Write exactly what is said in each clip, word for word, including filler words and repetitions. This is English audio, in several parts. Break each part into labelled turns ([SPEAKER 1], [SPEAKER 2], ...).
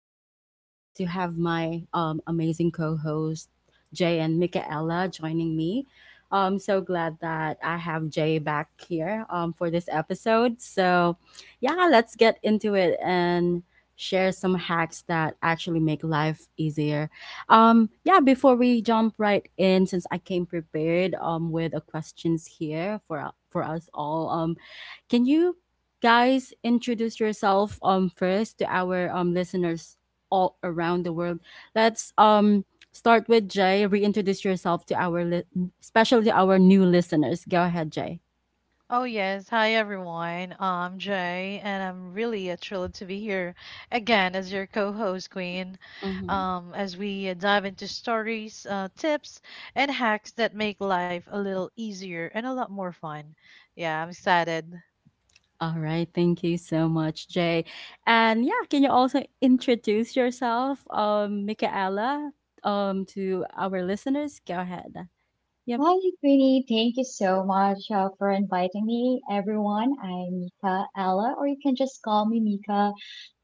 [SPEAKER 1] I'm super excited to have my um, amazing co-host Jay and Michaela joining me. I'm so glad that I have Jay back here um, for this episode. So, yeah, let's get into it and share some hacks that actually make life easier. um, yeah, Before we jump right in, since I came prepared um with a questions here for for us all, um, can you guys introduce yourself um first to our um listeners all around the world? Let's um start with Jay. Reintroduce yourself to our li- Especially our new listeners. Go ahead, Jay.
[SPEAKER 2] Oh yes, hi everyone. I'm Jay, and I'm really uh, thrilled to be here again as your co-host, Queen. Um, as we uh, dive into stories, uh, tips, and hacks that make life a little easier and a lot more fun. Yeah, I'm excited.
[SPEAKER 1] All right, thank you so much, Jay. And yeah, can you also introduce yourself, um, Michaela, um, to our listeners? Go ahead. Yep.
[SPEAKER 3] Hi, Queenie. Thank you so much uh, for inviting me, everyone. I'm Mika Ella, or you can just call me Mika.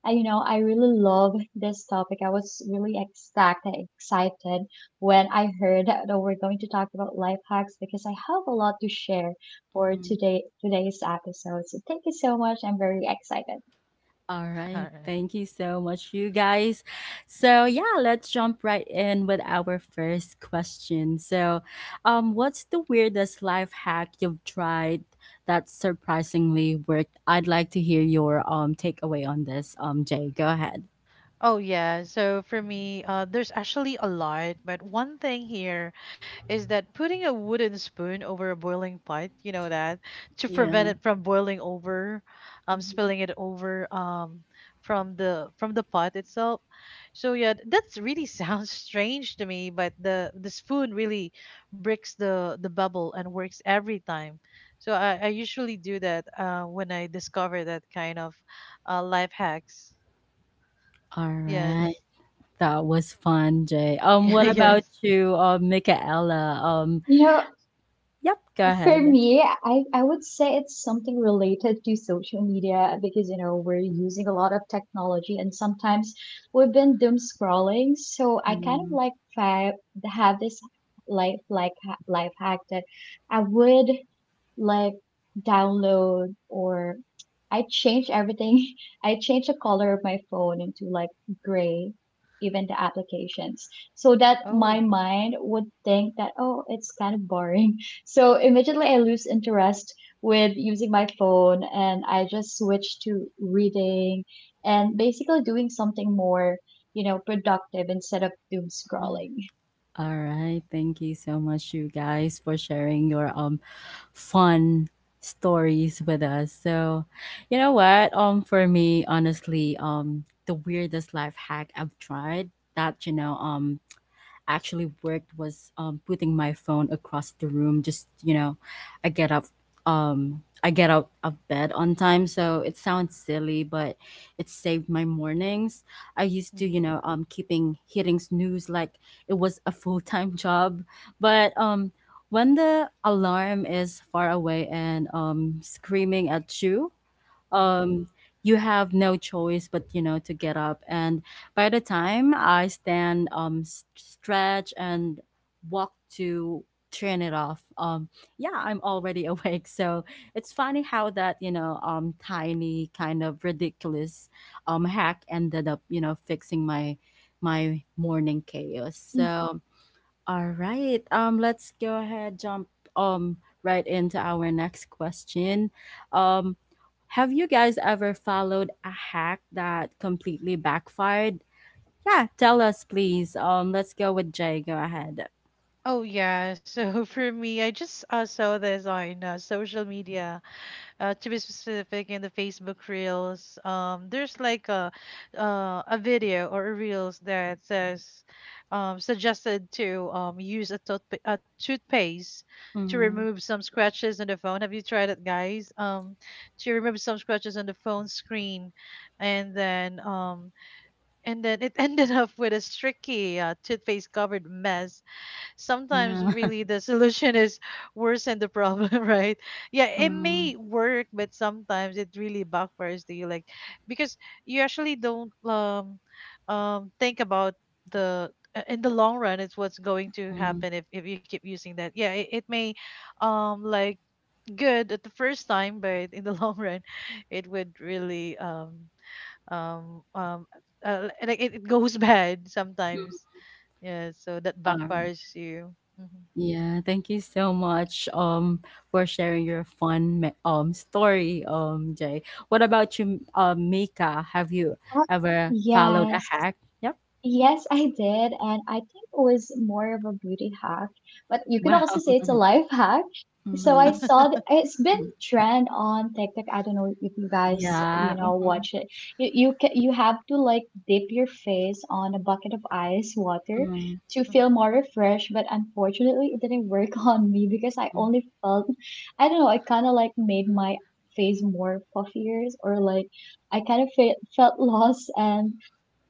[SPEAKER 3] I, you know, I really love this topic. I was really ecstatic, excited when I heard that we're going to talk about life hacks because I have a lot to share for
[SPEAKER 1] Mm.
[SPEAKER 3] today today's episode. So thank you so much. I'm very excited.
[SPEAKER 1] All right, thank you so much, you guys. So yeah, let's jump right in with our first question. So, um, what's the weirdest life hack you've tried that surprisingly worked? I'd like to hear your um takeaway on this, um, Jay. Go ahead.
[SPEAKER 2] Oh yeah. So for me, uh, there's actually a lot, but one thing here is that putting a wooden spoon over a boiling pot, you know that, to prevent
[SPEAKER 1] Yeah.
[SPEAKER 2] it from boiling over, um,
[SPEAKER 1] Mhm.
[SPEAKER 2] spilling it over, um, from the from the pot itself. So yeah, that's really sounds strange to me, but the the spoon really breaks the the bubble and works every time. So I, I usually do that uh, when I discover that kind of uh, life hacks.
[SPEAKER 1] All
[SPEAKER 2] Yes.
[SPEAKER 1] right. That was fun, Jay. Um,
[SPEAKER 2] Yeah,
[SPEAKER 1] what Mhm. about
[SPEAKER 2] yes.
[SPEAKER 1] you, um, Michaela? Um,
[SPEAKER 3] You know,
[SPEAKER 1] yep, Go
[SPEAKER 3] For
[SPEAKER 1] ahead.
[SPEAKER 3] me, I, I would say it's something related to social media because, you know, we're using a lot of technology, and sometimes we've been doom scrolling. So I kind of
[SPEAKER 1] Mm.
[SPEAKER 3] like fa- have this life, like ha- life hack that I would like download, or I changed everything. I changed the color of my phone into like gray, even the applications, so that my
[SPEAKER 2] Oh.
[SPEAKER 3] mind would think that, oh, it's kind of boring. So immediately I lose interest with using my phone, and I just switch to reading and basically doing something more, you know, productive instead of doom
[SPEAKER 1] Mm.
[SPEAKER 3] scrolling.
[SPEAKER 1] All right, thank you so much, you guys, for sharing your um fun stories with us. So, you know what? Um, for me, honestly, um, the weirdest life hack I've tried that you know um actually worked was, um, putting my phone across the room. Just you know, I get up, um, I get out of bed on time. So it sounds silly, but it saved my mornings. I used to you
[SPEAKER 2] Hmm.
[SPEAKER 1] know um keeping hitting snooze like it was a full time job, but um when the alarm is far away and um screaming at you,
[SPEAKER 2] Hmm.
[SPEAKER 1] um you have no choice but you know to get up, and by the time I stand, um s- stretch and walk to turn it off, um yeah, I'm already awake. So it's funny how that you know um tiny kind of ridiculous um hack ended up you know fixing my my morning chaos.
[SPEAKER 3] Mm.
[SPEAKER 1] So all right. Um, let's go ahead, jump um right into our next question. Um, have you guys ever followed a hack that completely backfired? Yeah, tell us please. Um, let's go with Jay. Go ahead.
[SPEAKER 2] Oh yeah. So for me, I just uh, saw this on uh, social media. Uh, to be specific, in the Facebook Reels, um, there's like a uh, a video or a Reels that says, um, suggested to um use a tooth a toothpaste to
[SPEAKER 1] Mm-hmm.
[SPEAKER 2] remove some scratches on the phone. Have you tried it, guys? Um, to remove some scratches on the phone screen, and then um and then it ended up with a streaky uh, toothpaste covered mess. Sometimes
[SPEAKER 1] Yeah.
[SPEAKER 2] really the solution is worse than the problem, right? Yeah, it
[SPEAKER 1] Mm-hmm.
[SPEAKER 2] may work but sometimes it really backfires to you, like, because you actually don't um um think about the uh, in the long run it's what's going to happen if, if you keep using that. Yeah, it, it may um like good at the first time but in the long run it would really um um um uh, like it, it goes bad sometimes. Yeah, so that
[SPEAKER 1] Um,
[SPEAKER 2] backfires you. Mhm.
[SPEAKER 1] yeah, thank you so much um for sharing your fun me- um story, um Jay. What about you, um Mika? Have you
[SPEAKER 3] Oh.
[SPEAKER 1] ever followed a
[SPEAKER 3] Yes.
[SPEAKER 1] hack? Yep.
[SPEAKER 3] Yes, I did. And I think it was more of a beauty hack, but you can also
[SPEAKER 1] Wow.
[SPEAKER 3] say it's a life hack. So I
[SPEAKER 1] Mhm.
[SPEAKER 3] saw th- it's been
[SPEAKER 1] Mhm.
[SPEAKER 3] trend on TikTok. I don't know if you guys, you
[SPEAKER 1] Yeah.
[SPEAKER 3] know,
[SPEAKER 1] Mhm.
[SPEAKER 3] watch it. You you ca you have to like dip your face on a bucket of ice water
[SPEAKER 1] Mhm.
[SPEAKER 3] to feel more refreshed, but unfortunately it didn't work on me, because I
[SPEAKER 1] Mhm.
[SPEAKER 3] only felt, I don't know, I kind of like made my face more puffier, or like I kind of fe felt lost and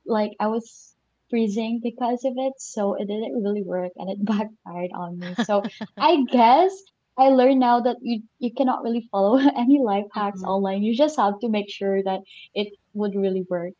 [SPEAKER 3] like I was freezing because of it, so it didn't really work and it backfired on me. So I guess I learned now that you you cannot really follow any life hacks
[SPEAKER 1] Mhm.
[SPEAKER 3] online. You just have to make sure that it would really work.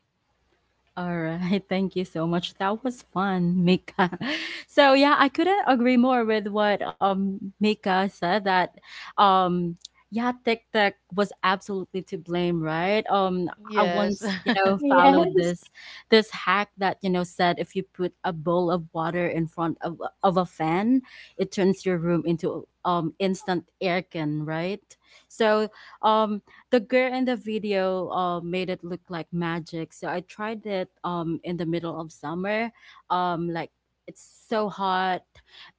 [SPEAKER 1] Alright, thank you so much. That was fun, Mika. So yeah, I couldn't agree more with what um Mika said, that um yeah, TikTok was absolutely to blame, right? Um I
[SPEAKER 2] Yes.
[SPEAKER 1] once, you know, followed this this hack that, you know, said if you put a bowl of water in front of of a fan, it turns your room into um instant aircon, right? So um the girl in the video uh, made it look like magic. So I tried it um in the middle of summer, um like it's so hot,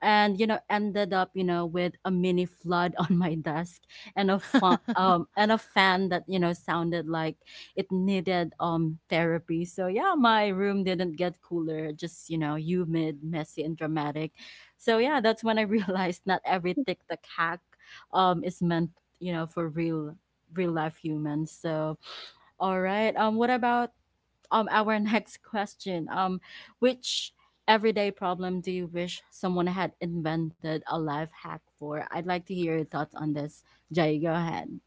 [SPEAKER 1] and you know ended up you know with a mini flood on my desk and a fan um and a fan that you know sounded like it needed um therapy. So yeah, my room didn't get cooler, just you know humid, messy, and dramatic. So yeah, that's when I realized not every TikTok hack um is meant you know for real real life humans. So, all right. Um, what about um our next question? Um, which everyday problem do you wish someone had invented a life hack for? I'd like to hear your thoughts on this. Jay, go ahead.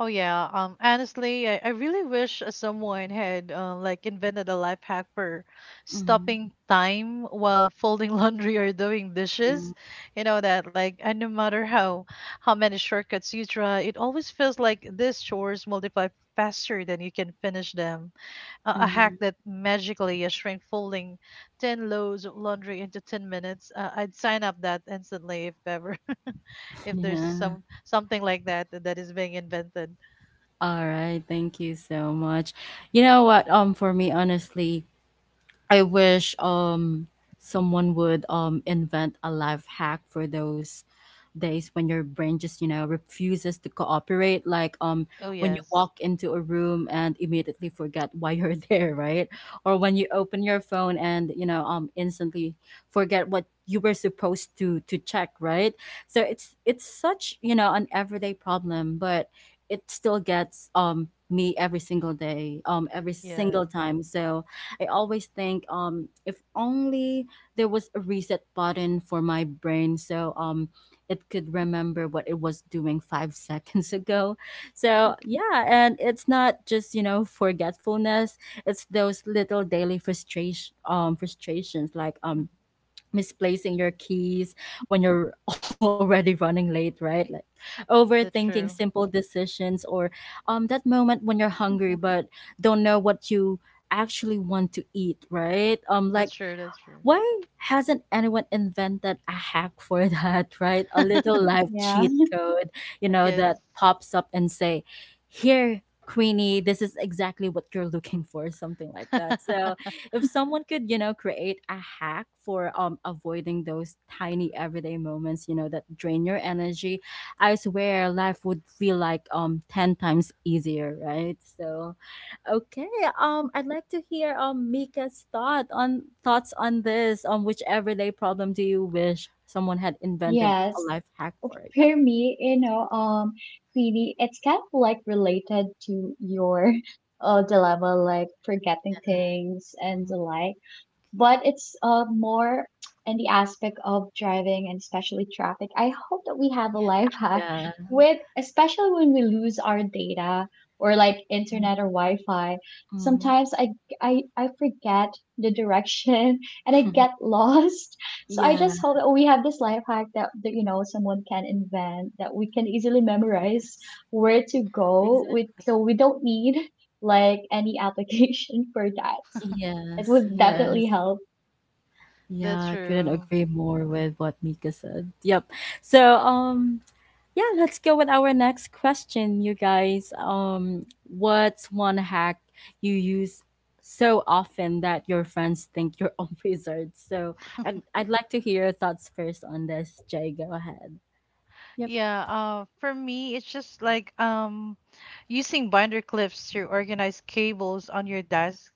[SPEAKER 2] Oh yeah, um honestly I, I really wish uh, someone had uh, like invented a life hack for
[SPEAKER 1] Mhm.
[SPEAKER 2] stopping time while folding laundry or doing
[SPEAKER 1] Yeah.
[SPEAKER 2] dishes, you know that, like, and no matter how how many shortcuts you try it always feels like these chores multiply faster than you can finish them. A a hack
[SPEAKER 1] Mhm.
[SPEAKER 2] that magically uh, shrank folding ten loads of laundry into ten minutes, uh, I'd sign up that instantly if ever if there's some
[SPEAKER 1] Yeah.
[SPEAKER 2] something like that that is being invented.
[SPEAKER 1] All right. Thank you so much. You know what? Um, for me, honestly, I wish um someone would um invent a life hack for those days when your brain just you know refuses to cooperate, like um
[SPEAKER 2] Oh
[SPEAKER 1] when you
[SPEAKER 2] yes.
[SPEAKER 1] walk into a room and immediately forget why you're there, right? Or when you open your phone and you know um instantly forget what you were supposed to to check, right? So it's it's such you know an everyday problem, but it still gets um me every single day, um every
[SPEAKER 2] Yeah.
[SPEAKER 1] single time. So I always think, um if only there was a reset button for my brain so um it could remember what it was doing five seconds ago. So, yeah, and it's not just, you know, forgetfulness, it's those little daily frustration um frustrations like
[SPEAKER 2] Mm.
[SPEAKER 1] um misplacing your keys when you're already running late, right? Like
[SPEAKER 2] That's
[SPEAKER 1] overthinking
[SPEAKER 2] true.
[SPEAKER 1] simple decisions, or um that moment when you're hungry but don't know what you actually want to eat, right? Um
[SPEAKER 2] That's
[SPEAKER 1] like
[SPEAKER 2] true. That's true.
[SPEAKER 1] why hasn't anyone invented a hack for that, right? A little live
[SPEAKER 3] Yes.
[SPEAKER 1] cheat
[SPEAKER 3] Yeah.
[SPEAKER 1] code, you know,
[SPEAKER 2] Yes.
[SPEAKER 1] that pops up and say, "Here, Queenie, this is exactly what you're looking for," something like that. So, if someone could, you know, create a hack for um avoiding those tiny everyday moments, you know, that drain your energy, I swear life would feel like um ten times easier, right? So, okay. Um, I'd like to hear um Mika's thought on thoughts on this. Um, which everyday problem do you wish someone had invented a
[SPEAKER 3] Yes.
[SPEAKER 1] life hack for? It? Yep.
[SPEAKER 3] For me, you know, um, Queenie, it's kind of like related to your uh dilemma, like forgetting things and
[SPEAKER 1] Mm.
[SPEAKER 3] the like. But it's uh, more in the aspect of driving, and especially traffic. I hope that we have a life hack
[SPEAKER 1] Yeah.
[SPEAKER 3] with, especially when we lose our data or like internet or Wi-Fi.
[SPEAKER 1] Mm.
[SPEAKER 3] Sometimes I, I, I forget the direction and I get lost. So I
[SPEAKER 1] Yeah.
[SPEAKER 3] just hope that we have this life hack that, that you know someone can invent that we can easily
[SPEAKER 1] Yes.
[SPEAKER 3] memorize where to go
[SPEAKER 1] Exactly.
[SPEAKER 3] with, so we don't need like any application for that. It
[SPEAKER 1] Yes.
[SPEAKER 3] would
[SPEAKER 2] Yes.
[SPEAKER 3] definitely
[SPEAKER 1] Yes.
[SPEAKER 3] help.
[SPEAKER 2] That's
[SPEAKER 1] Yeah. I couldn't
[SPEAKER 2] true.
[SPEAKER 1] agree more with what Mika said. Yep. So um Yeah, let's go with our next question, you guys. Um, what's one hack you use so often that your friends think you're a wizard? So I'd, I'd like to hear your thoughts first on this, Jay. Go ahead. Yep.
[SPEAKER 2] Yeah, uh for me it's just like um using binder clips to organize cables on your desk.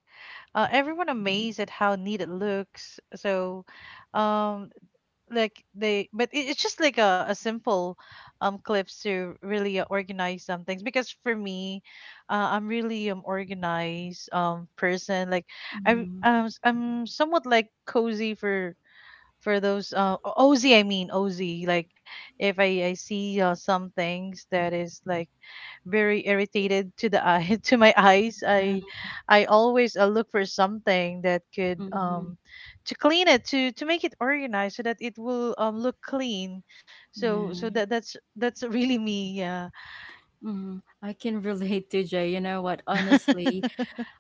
[SPEAKER 2] uh, everyone amazed at how neat it looks. So, um, like they, but it, it's just like a, a simple, um, clips to really uh, organize some things. Because for me, uh, I'm really um organized um person. Like I,
[SPEAKER 1] Mm.
[SPEAKER 2] I'm s- I'm somewhat like cozy for for those uh o- OZ. I mean O Z. Like if I I see uh, some things that is like very irritated to the eye, to my eyes, I
[SPEAKER 1] Uh.
[SPEAKER 2] I always uh, look for something that could
[SPEAKER 1] Mhm.
[SPEAKER 2] um to clean it, to to make it organized so that it will um look clean. So so
[SPEAKER 1] Yeah.
[SPEAKER 2] that that's that's really me. Yeah.
[SPEAKER 1] Mm, I can relate to Jay. You know what? Honestly,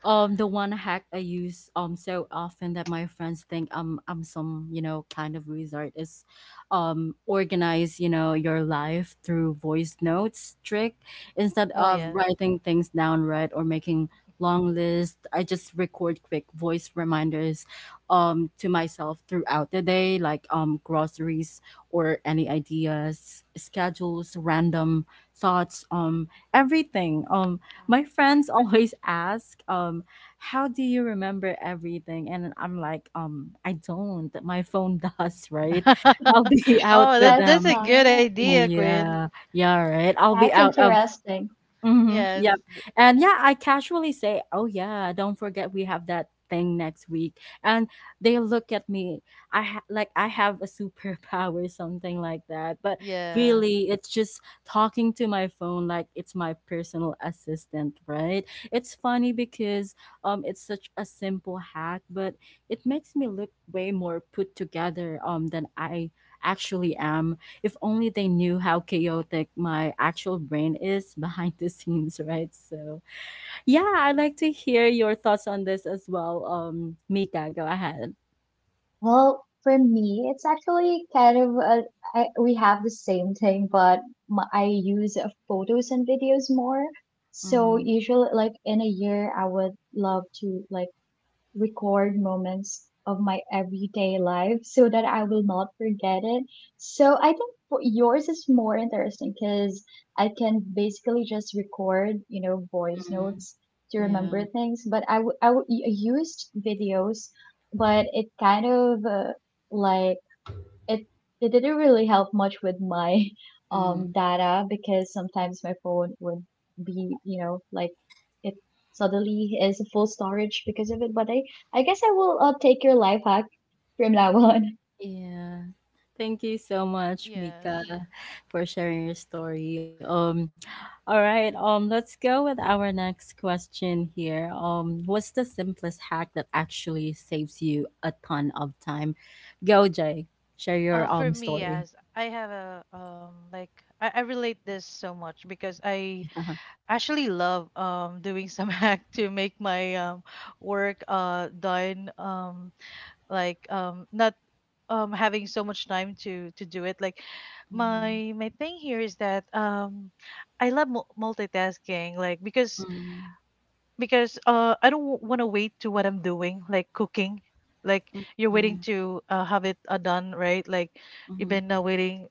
[SPEAKER 1] um the one hack I use um so often that my friends think I'm I'm some you know kind of wizard is um organize you know your life through voice notes trick, instead
[SPEAKER 2] Oh
[SPEAKER 1] of
[SPEAKER 2] yes.
[SPEAKER 1] writing things down, right? Or making long lists, I just record quick voice reminders um to myself throughout the day, like um groceries or any ideas, schedules, random thoughts, um everything. Um my friends always ask, um, how do you remember everything? And I'm like, um, I don't. My phone does, right? I'll be out
[SPEAKER 2] Oh,
[SPEAKER 1] with
[SPEAKER 2] that
[SPEAKER 3] That's
[SPEAKER 2] that's
[SPEAKER 1] them.
[SPEAKER 2] a good
[SPEAKER 3] not,
[SPEAKER 2] idea, Quinn.
[SPEAKER 1] Yeah, yeah, right. I'll be
[SPEAKER 3] that's
[SPEAKER 1] out of
[SPEAKER 3] interesting.
[SPEAKER 1] Mm-hmm.
[SPEAKER 2] Yes.
[SPEAKER 1] Yep.
[SPEAKER 2] Th-
[SPEAKER 1] And yeah, I casually say, "Oh yeah, don't forget we have that thing next week." And they look at me. I ha- like I have a superpower, something like that. But
[SPEAKER 2] yeah.
[SPEAKER 1] really, it's just talking to my phone like it's my personal assistant, right? It's funny because um, it's such a simple hack, but it makes me look way more put together um than I actually am. If only they knew how chaotic my actual brain is behind the scenes, right? So, yeah, I'd like to hear your thoughts on this as well. Um, Mika, go ahead.
[SPEAKER 3] Well, for me, it's actually kind of a, I, we have the same thing, but my, I use uh, photos and videos more. So
[SPEAKER 1] Mm.
[SPEAKER 3] usually, like in a year, I would love to like record moments of my everyday life so that I will not forget it. So I think for yours is more interesting because I can basically just record, you know, voice
[SPEAKER 1] Mm.
[SPEAKER 3] notes to remember
[SPEAKER 1] Yeah.
[SPEAKER 3] things. But I, w- I, w- I used videos, but it kind of uh, like it it didn't really help much with my um
[SPEAKER 1] Mm,
[SPEAKER 3] data, because sometimes my phone would be you know like it suddenly is full storage because of it. But i i guess I will uh, take your life hack from now on.
[SPEAKER 1] yeah. Thank you so much,
[SPEAKER 2] Yes.
[SPEAKER 1] Mika, for sharing your story. Um, all right. Um, let's go with our next question here. Um, what's the simplest hack that actually saves you a ton of time? Go, Jay. Share your
[SPEAKER 2] uh for
[SPEAKER 1] um
[SPEAKER 2] me,
[SPEAKER 1] story.
[SPEAKER 2] yes, I have a um like I, I relate this so much because I
[SPEAKER 1] Uh-huh.
[SPEAKER 2] actually love um doing some hack to make my um work uh done, um like um not um having so much time to to do it, like
[SPEAKER 1] Mm.
[SPEAKER 2] my my thing here is that um I love mul- multitasking, like because
[SPEAKER 1] Mm.
[SPEAKER 2] because uh I don't want to wait to what I'm doing, like cooking, like you're
[SPEAKER 1] Mhm.
[SPEAKER 2] waiting to uh, have it uh, done, right? Like you've
[SPEAKER 1] Mhm.
[SPEAKER 2] been uh, waiting.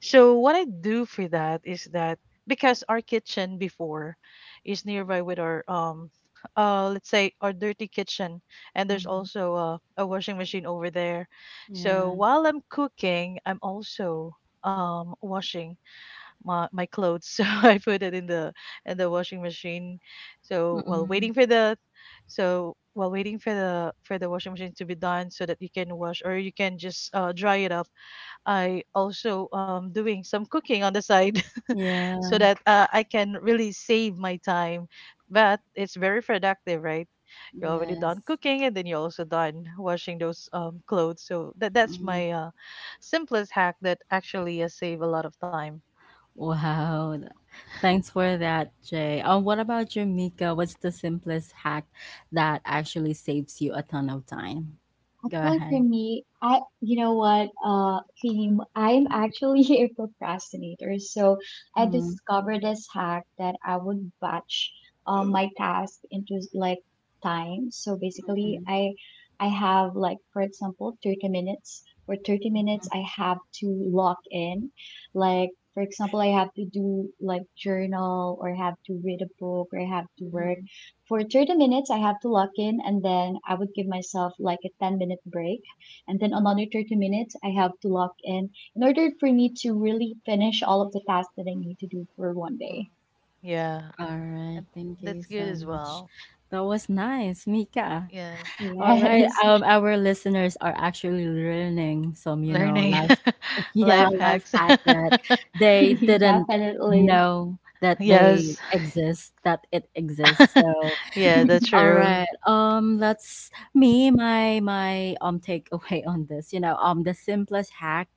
[SPEAKER 2] So what I do for that is that because our kitchen before is nearby with our um uh let's say our dirty kitchen, and there's
[SPEAKER 1] Mhm.
[SPEAKER 2] also a, a washing machine over there. So
[SPEAKER 1] Yeah.
[SPEAKER 2] while I'm cooking, I'm also um washing my my clothes. So I put it in the in the washing machine. So while
[SPEAKER 1] Mhm.
[SPEAKER 2] waiting for the so while waiting for the for the washing machine to be done so that you can wash or you can just uh, dry it up, I also um, doing some cooking on the side, so
[SPEAKER 1] Yeah.
[SPEAKER 2] that uh, I can really save my time. But it's very productive, right? You're already done
[SPEAKER 1] Yes.
[SPEAKER 2] cooking, and then you're also done washing those um, clothes. So that that's
[SPEAKER 1] Mm.
[SPEAKER 2] my uh, simplest hack that actually uh, save a lot of time.
[SPEAKER 1] Wow. th- Thanks for that, Jay. Um, what about you, Mika? What's the simplest hack that actually saves you a ton of time? Go
[SPEAKER 3] Actually, for
[SPEAKER 1] ahead.
[SPEAKER 3] me, I you know what, uh, Kim, I'm actually a procrastinator. So I
[SPEAKER 1] Mm.
[SPEAKER 3] discovered this hack that I would batch um, my task into like time. So basically,
[SPEAKER 1] Mhm.
[SPEAKER 3] I I have, like, for example, thirty minutes. For thirty minutes,
[SPEAKER 1] Mhm.
[SPEAKER 3] I have to lock in. Like, for example, I have to do like journal, or I have to read a book, or I have to work
[SPEAKER 1] Mhm.
[SPEAKER 3] for thirty minutes. I have to lock in, and then I would give myself like a ten minute break, and then another thirty minutes I have to lock in in order for me to really finish all of the tasks that I need to do for one
[SPEAKER 2] Mm.
[SPEAKER 3] day.
[SPEAKER 2] Yeah,
[SPEAKER 1] All right,
[SPEAKER 2] and
[SPEAKER 1] thank you
[SPEAKER 2] that's good
[SPEAKER 1] so
[SPEAKER 2] as
[SPEAKER 1] much.
[SPEAKER 2] well.
[SPEAKER 1] That was nice, Mika.
[SPEAKER 2] Yes,
[SPEAKER 1] All right,
[SPEAKER 3] Yes.
[SPEAKER 1] um, our listeners are actually learning some, you know,
[SPEAKER 2] learning
[SPEAKER 1] life yeah,
[SPEAKER 2] life
[SPEAKER 1] life
[SPEAKER 2] hacks.
[SPEAKER 1] hack that they didn't
[SPEAKER 3] Definitely.
[SPEAKER 1] know that they
[SPEAKER 2] Yes.
[SPEAKER 1] exist, that it exists. So
[SPEAKER 2] Yeah, that's
[SPEAKER 1] all
[SPEAKER 2] true.
[SPEAKER 1] right. Um, that's me. My my um takeaway on this. You know, um, the simplest hack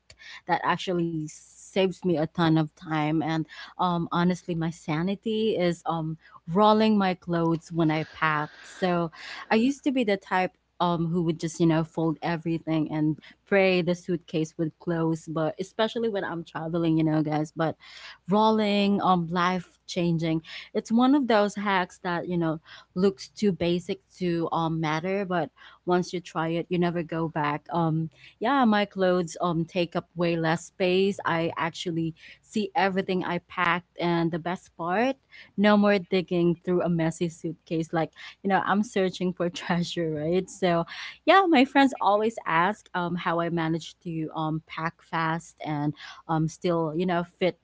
[SPEAKER 1] that actually saves me a ton of time and um honestly my sanity is um rolling my clothes when I pack. So I used to be the type um who would just you know fold everything and pray the suitcase would close, but especially when I'm traveling, you know guys. But rolling, um life changing. It's one of those hacks that, you know, looks too basic to um matter, but once you try it you never go back. Um yeah, my clothes um take up way less space. I actually see everything I packed, and the best part, no more digging through a messy suitcase like, you know, I'm searching for treasure, right? So yeah, my friends always ask um how I manage to um pack fast and um still, you know, fit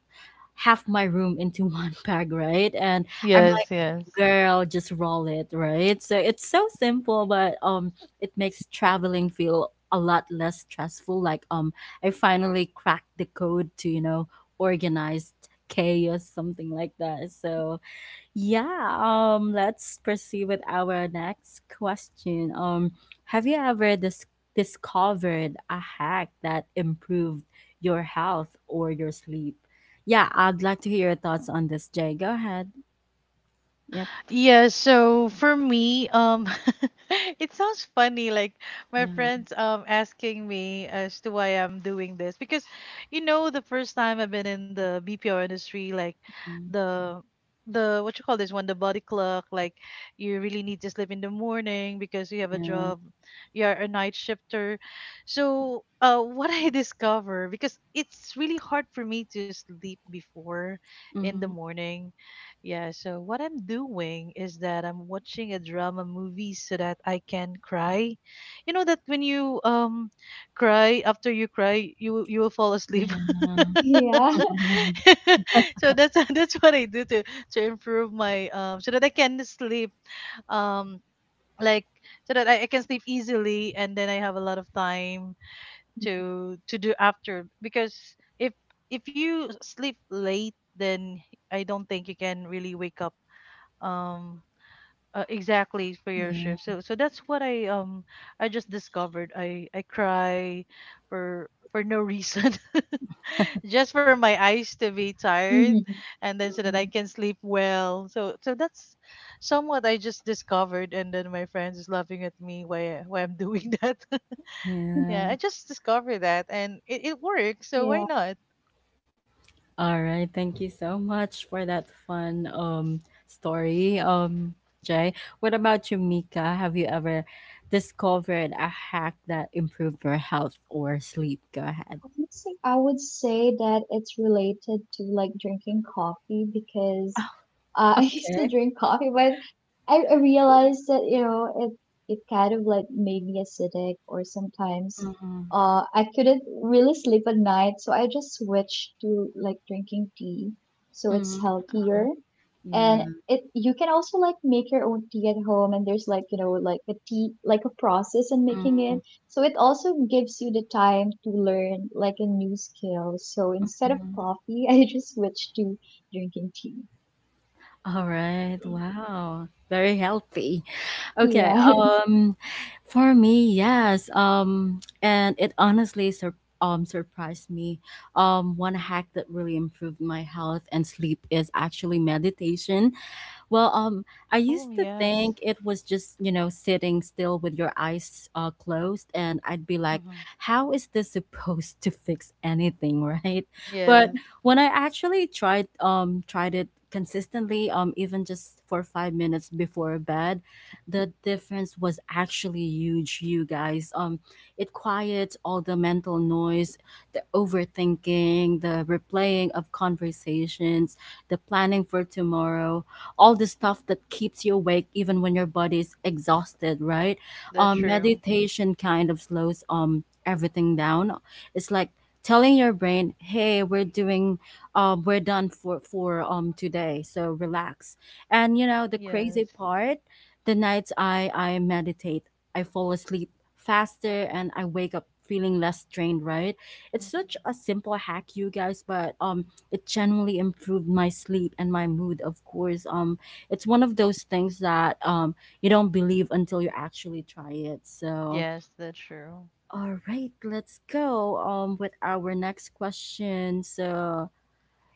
[SPEAKER 1] half my room into one bag, right? And i'm,
[SPEAKER 2] Yes, yes.
[SPEAKER 1] girl just roll it, right? So it's so simple, but um it makes traveling feel a lot less stressful, like, um I finally cracked the code to, you know, organized chaos, something like that. So yeah, um let's proceed with our next question. Um have you ever dis- discovered a hack that improved your health or your sleep? Yeah, I'd like to hear your thoughts on this, jay, go ahead. Yep.
[SPEAKER 2] Yeah, so for me, um, it sounds funny, like my
[SPEAKER 1] Yeah,
[SPEAKER 2] friends um asking me as to why I'm doing this because, you know, the first time I've been in the B P O industry, like the the what you call this one, the body clock, like you really need to sleep in the morning because you have a
[SPEAKER 1] yeah.
[SPEAKER 2] job, you are a night shifter. So, uh, what I discover because it's really hard for me to sleep before in the
[SPEAKER 1] Hmm.
[SPEAKER 2] morning. Yeah, so what I'm doing is that I'm watching a drama movie so that I can cry. You know that when you um cry after you cry, you will- you will fall asleep.
[SPEAKER 1] Yeah.
[SPEAKER 3] Yeah.
[SPEAKER 2] So that's that's what I do to to improve my um so that I can sleep, um like so that I, I can sleep easily, and then I have a lot of time to to do after because if if you sleep late then I don't think you can really wake up um uh, exactly for your
[SPEAKER 1] Yeah.
[SPEAKER 2] shift. So so that's what I um I just discovered. I I cry for for no reason just for my eyes to be tired
[SPEAKER 3] Hmm.
[SPEAKER 2] and then so
[SPEAKER 1] Mhm.
[SPEAKER 2] that I can sleep well. So so that's somewhat I just discovered, and then my friends is laughing at me why I- why I'm doing that. Yeah,
[SPEAKER 1] Yeah.
[SPEAKER 2] I just discovered that, and it, it works, so why
[SPEAKER 3] Yeah.
[SPEAKER 2] not?
[SPEAKER 1] All right, thank you so much for that fun um story. Um Jay, what about you, Mika? Have you ever discovered a hack that improved your health or sleep? Go ahead.
[SPEAKER 3] Honestly, I would say that it's related to like drinking coffee because uh, I used to
[SPEAKER 1] Okay.
[SPEAKER 3] drink coffee, but I, I realized that you know it it kind of like made me acidic, or sometimes
[SPEAKER 1] Mm-hmm.
[SPEAKER 3] uh, I couldn't really sleep at night, so I just switched to like drinking tea, so it's
[SPEAKER 1] Mm-hmm.
[SPEAKER 3] healthier.
[SPEAKER 1] Yeah.
[SPEAKER 3] And it, you can also like make your own tea at home, and there's like you know like a tea, like a process in making
[SPEAKER 1] Mm-hmm.
[SPEAKER 3] it, so it also gives you the time to learn like a new skill. So instead of coffee I just switched to drinking tea.
[SPEAKER 1] All right. Wow. Very healthy. Okay.
[SPEAKER 3] Yeah.
[SPEAKER 1] Um, for me, yes. Um, and it honestly sur- um surprised me. Um, one hack that really improved my health and sleep is actually meditation. Well, um, I
[SPEAKER 2] Oh,
[SPEAKER 1] used to
[SPEAKER 2] yes.
[SPEAKER 1] think it was just, you know, sitting still with your eyes uh, closed, and I'd be like,
[SPEAKER 2] Mm-hmm.
[SPEAKER 1] how is this supposed to fix anything, right? But
[SPEAKER 2] Yes,
[SPEAKER 1] when I actually tried um tried it consistently, um, even just for five minutes before bed, the difference was actually huge, you guys. Um, it quiets all the mental noise, the overthinking, the replaying of conversations, the planning for tomorrow, all the stuff that keeps you awake even when your body is exhausted, right?
[SPEAKER 2] that's
[SPEAKER 1] Um,
[SPEAKER 2] true.
[SPEAKER 1] meditation kind of slows um everything down. It's like telling your brain, "Hey, we're doing, um, we're done for for um today, so relax." And you know the
[SPEAKER 2] Yes.
[SPEAKER 1] crazy part, the nights I I meditate, I fall asleep faster and I wake up feeling less drained, right? It's such
[SPEAKER 2] Mhm.
[SPEAKER 1] a simple hack, you guys, but um it genuinely improved my sleep and my mood, of course. Um it's one of those things that um you don't believe until you actually try it. So
[SPEAKER 2] Yes, that's true.
[SPEAKER 1] all right, let's go um with our next question. So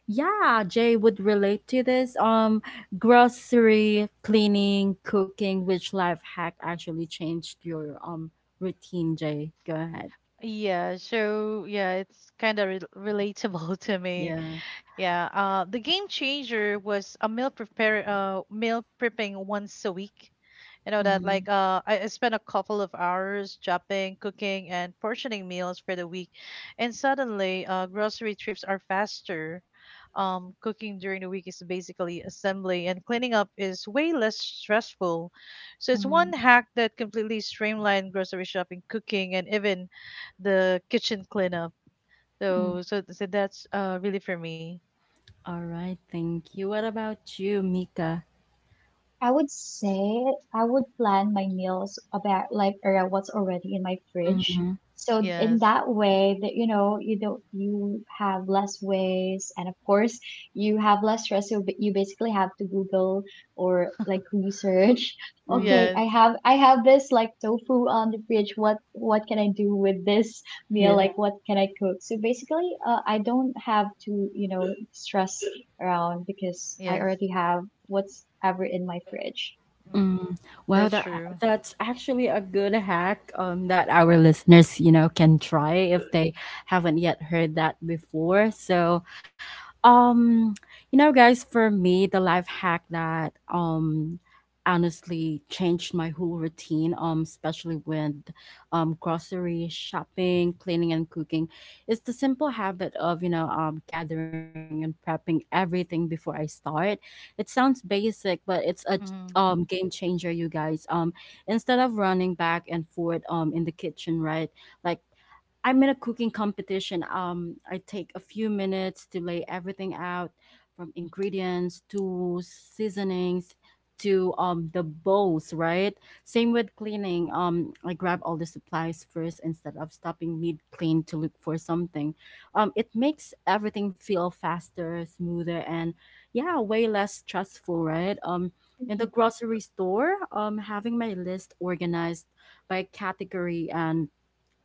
[SPEAKER 1] yeah, jay would relate to this. Um grocery, cleaning, cooking, which life hack actually changed your um routine? Jay, go ahead.
[SPEAKER 2] Yeah, so yeah, it's kind of re relatable to me.
[SPEAKER 1] Yeah.
[SPEAKER 2] Yeah, uh, the game changer was a meal prepare uh meal prepping once a week. You know that
[SPEAKER 1] Mm-hmm.
[SPEAKER 2] like uh I, I spent a couple of hours shopping, cooking and portioning meals for the week. And suddenly uh grocery trips are faster. Um cooking during the week is basically assembly, and cleaning up is way less stressful. So it's
[SPEAKER 1] Mm-hmm.
[SPEAKER 2] one hack that completely streamlined grocery shopping, cooking and even the kitchen cleanup. So so so that's uh really for me.
[SPEAKER 1] All right, thank you. What about you, Mika?
[SPEAKER 3] I would say I would plan my meals about like around what's already in my fridge.
[SPEAKER 1] Mhm,
[SPEAKER 3] So in
[SPEAKER 2] Yes.
[SPEAKER 3] that way that you know you don't you have less waste, and of course you have less stress. So ba- you basically have to Google or like research.
[SPEAKER 1] mhm,
[SPEAKER 3] Okay,
[SPEAKER 2] Yes.
[SPEAKER 3] I have I have this like tofu on the fridge. What what can I do with this meal?
[SPEAKER 1] yeah.
[SPEAKER 3] Like, what can I cook? So basically, uh, I don't have to you know stress around, because I
[SPEAKER 2] Yes.
[SPEAKER 3] already have what's ever in my fridge.
[SPEAKER 2] Mm.
[SPEAKER 1] Mm. Wow,
[SPEAKER 2] That's
[SPEAKER 1] that,
[SPEAKER 2] true.
[SPEAKER 1] that's actually a good hack um that our listeners, you know, can try if they haven't yet heard that before. So, um, you know, guys, for me, the life hack that um honestly changed my whole routine, um, especially with um grocery shopping, cleaning and cooking, is the simple habit of, you know, um gathering and prepping everything before I start. It sounds basic, but it's a
[SPEAKER 2] Hmm.
[SPEAKER 1] um game changer, you guys. Um, instead of running back and forth um in the kitchen, right? Like I'm in a cooking competition. Um, I take a few minutes to lay everything out, from ingredients to seasonings to, um, the bowls, right? Same with cleaning. Um, I grab all the supplies first instead of stopping mid clean to look for something. Um, it makes everything feel faster, smoother, and yeah, way less stressful, right? Um, in the
[SPEAKER 3] Mhm.
[SPEAKER 1] grocery store, um, having my list organized by category and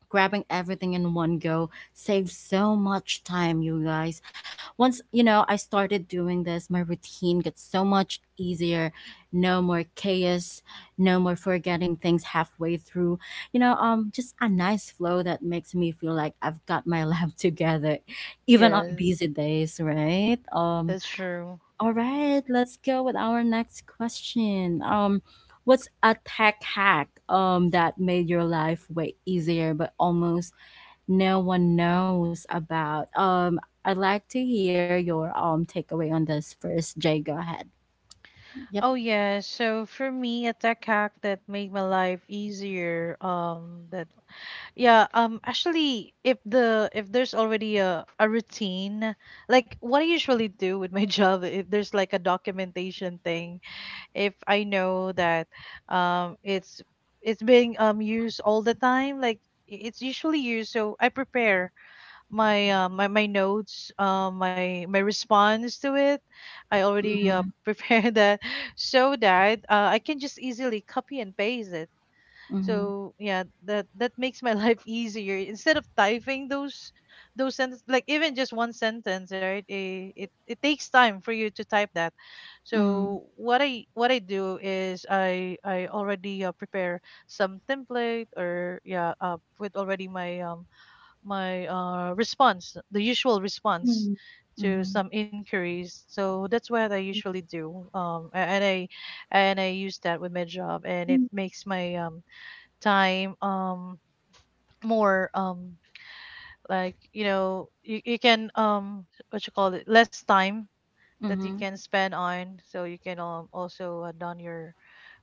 [SPEAKER 1] grabbing everything in one go saves so much time, you guys. Once, you know, I started doing this, my routine gets so much easier. No more chaos, no more forgetting things halfway through, you know. Um just a nice flow that makes me feel like I've got my life together, even on
[SPEAKER 2] Yes.
[SPEAKER 1] busy days, right? Um
[SPEAKER 2] That's true.
[SPEAKER 1] all right, let's go with our next question. Um what's a tech hack um that made your life way easier but almost no one knows about? Um, I'd like to hear your um takeaway on this first, Jay. Go ahead. Yep.
[SPEAKER 2] Oh yeah, so for me, a tech hack that made my life easier, um, that yeah, um, actually, if the if there's already a a routine, like what I usually do with my job, if there's like a documentation thing, if I know that, um, it's it's being um used all the time, like i- it's usually used, so I prepare my uh, my my notes, uh, my my response to it. I already uh,
[SPEAKER 1] Mm-hmm.
[SPEAKER 2] prepared that so that uh, I can just easily copy and paste it.
[SPEAKER 1] Mm-hmm.
[SPEAKER 2] So yeah, that that makes my life easier instead of typing those those sentences, like even just one sentence, right? It, it it takes time for you to type that.
[SPEAKER 1] Mm-hmm.
[SPEAKER 2] So what I what I do is I I already uh, prepare some template, or yeah uh, with already my um my uh, response, the usual response to
[SPEAKER 1] Mm-hmm.
[SPEAKER 2] some inquiries. So that's what I usually do, um, a- and I and I use that with my job, and it
[SPEAKER 3] Mhm.
[SPEAKER 2] makes my um, time um, more um, like you know you, you can, um, what you call it, less time that you
[SPEAKER 1] Hmm.
[SPEAKER 2] can spend on, so you can um, also uh, done your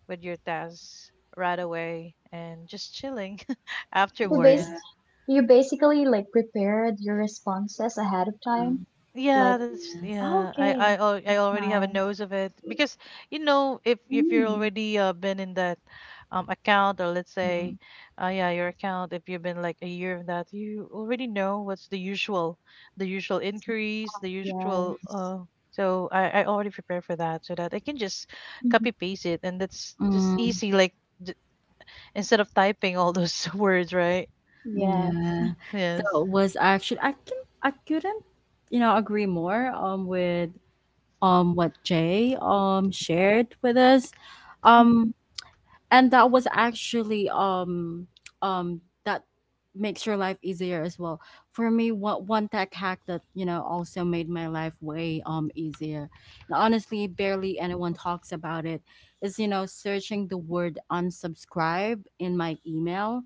[SPEAKER 2] with your tasks right away and just chilling
[SPEAKER 3] So
[SPEAKER 1] Yeah.
[SPEAKER 3] base
[SPEAKER 2] afterwards.
[SPEAKER 3] you basically like prepared your responses ahead of time.
[SPEAKER 1] Mm,
[SPEAKER 3] Like,
[SPEAKER 2] Yeah, that's
[SPEAKER 1] yes.
[SPEAKER 2] yeah.
[SPEAKER 3] oh,
[SPEAKER 2] I I
[SPEAKER 3] okay,
[SPEAKER 2] al- I
[SPEAKER 3] that's
[SPEAKER 2] already have a nose
[SPEAKER 3] nice.
[SPEAKER 2] of it because you know if if you're
[SPEAKER 3] Mm,
[SPEAKER 2] already uh, been in that um account, or let's say
[SPEAKER 1] Mm,
[SPEAKER 2] uh yeah your account, if you've been like a year in that, you already know what's the usual the usual increase, the usual uh
[SPEAKER 3] yes.
[SPEAKER 2] so I I already prepare for that so that I can just
[SPEAKER 3] Mhm.
[SPEAKER 2] copy paste it, and that's just
[SPEAKER 1] mm,
[SPEAKER 2] easy. Like, d instead of typing all those words, right?
[SPEAKER 3] Yes.
[SPEAKER 1] yeah.
[SPEAKER 2] Yes.
[SPEAKER 1] So it was actually, I can I couldn't, you know, agree more um with um what Jay um shared with us. Um and that was actually um um that makes your life easier as well. For me, what one tech hack that, you know, also made my life way um easier, and honestly barely anyone talks about it, is, you know, searching the word unsubscribe in my email.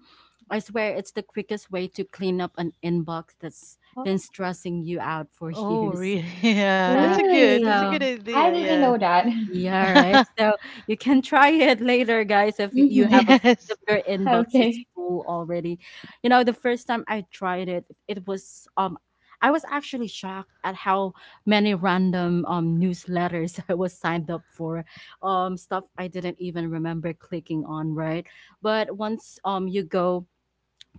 [SPEAKER 1] I swear it's the quickest way to clean up an inbox that's been stressing you out for
[SPEAKER 2] Oh,
[SPEAKER 1] years.
[SPEAKER 2] really? Yeah,
[SPEAKER 3] Oh,
[SPEAKER 2] that's a
[SPEAKER 1] Uh,
[SPEAKER 2] good, that's a
[SPEAKER 3] really?
[SPEAKER 2] good
[SPEAKER 1] so
[SPEAKER 3] I didn't
[SPEAKER 2] idea.
[SPEAKER 3] know that.
[SPEAKER 1] yeah,
[SPEAKER 2] Yes.
[SPEAKER 1] right. So you can try it later, guys, if you have a,
[SPEAKER 3] Hmm.
[SPEAKER 1] if
[SPEAKER 2] Yes.
[SPEAKER 1] your inbox is
[SPEAKER 3] Okay.
[SPEAKER 1] full already. You know, the first time I tried it, it was, um I was actually shocked at how many random um newsletters I was signed up for. Um, stuff I didn't even remember clicking on, right? But once um you go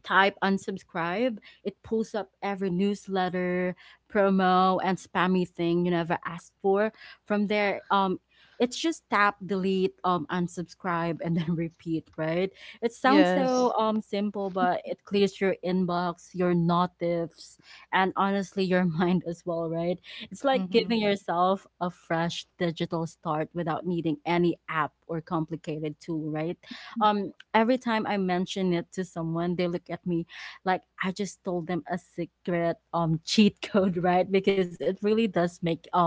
[SPEAKER 1] type unsubscribe, it pulls up every newsletter, promo, and spammy thing you never asked for. From there, um, it's just tap, delete, um, unsubscribe, and then repeat, right? It sounds so
[SPEAKER 2] Yes.
[SPEAKER 1] um simple, but it clears your inbox, your notifs, and honestly your mind as well, right? It's like
[SPEAKER 2] Mm-hmm.
[SPEAKER 1] giving yourself a fresh digital start without needing any app or complicated tool, right?
[SPEAKER 3] Mhm.
[SPEAKER 1] Um, every time I mention it to someone, they look at me like I just told them a secret um cheat code, right? Because it really does make um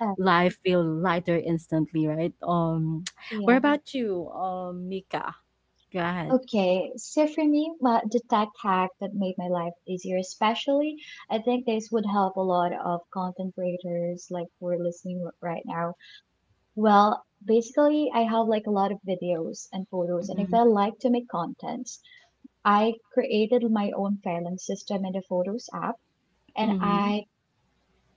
[SPEAKER 3] Uh,
[SPEAKER 1] feel lighter instantly, right? Um, what
[SPEAKER 3] yeah.
[SPEAKER 1] about you, um, Mika? Go ahead.
[SPEAKER 3] Okay, so for me, my, the tech hack that made my life easier, especially, I think this would help a lot of content creators like who are listening r- right now. Well, basically, I have like a lot of videos and photos, and if
[SPEAKER 1] Mhm,
[SPEAKER 3] I like to make contents, I created my own filing system in the Photos app, and
[SPEAKER 1] mhm,
[SPEAKER 3] I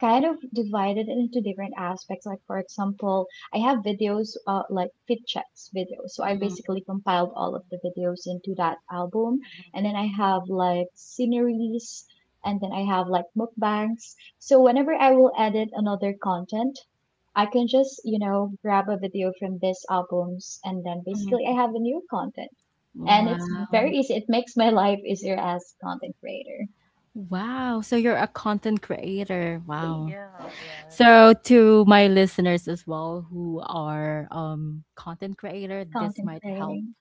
[SPEAKER 3] kind of divided into different aspects. Like, for example, I have videos, uh, like fit checks videos. So I
[SPEAKER 1] mhm,
[SPEAKER 3] basically compiled all of the videos into that album. And then I have like sceneries, and then I have like mukbangs. So whenever I will edit another content, I can just, you know, grab a video from these albums, and then
[SPEAKER 1] mhm.
[SPEAKER 3] basically I have a new content. And it's very
[SPEAKER 1] Wow.
[SPEAKER 3] easy. It makes my life easier as content creator.
[SPEAKER 1] Wow. So you're a content creator. Wow.
[SPEAKER 2] Yeah. Oh, yes.
[SPEAKER 1] So to my listeners as well who are um content creator, this
[SPEAKER 3] Content
[SPEAKER 1] might help.
[SPEAKER 3] creating.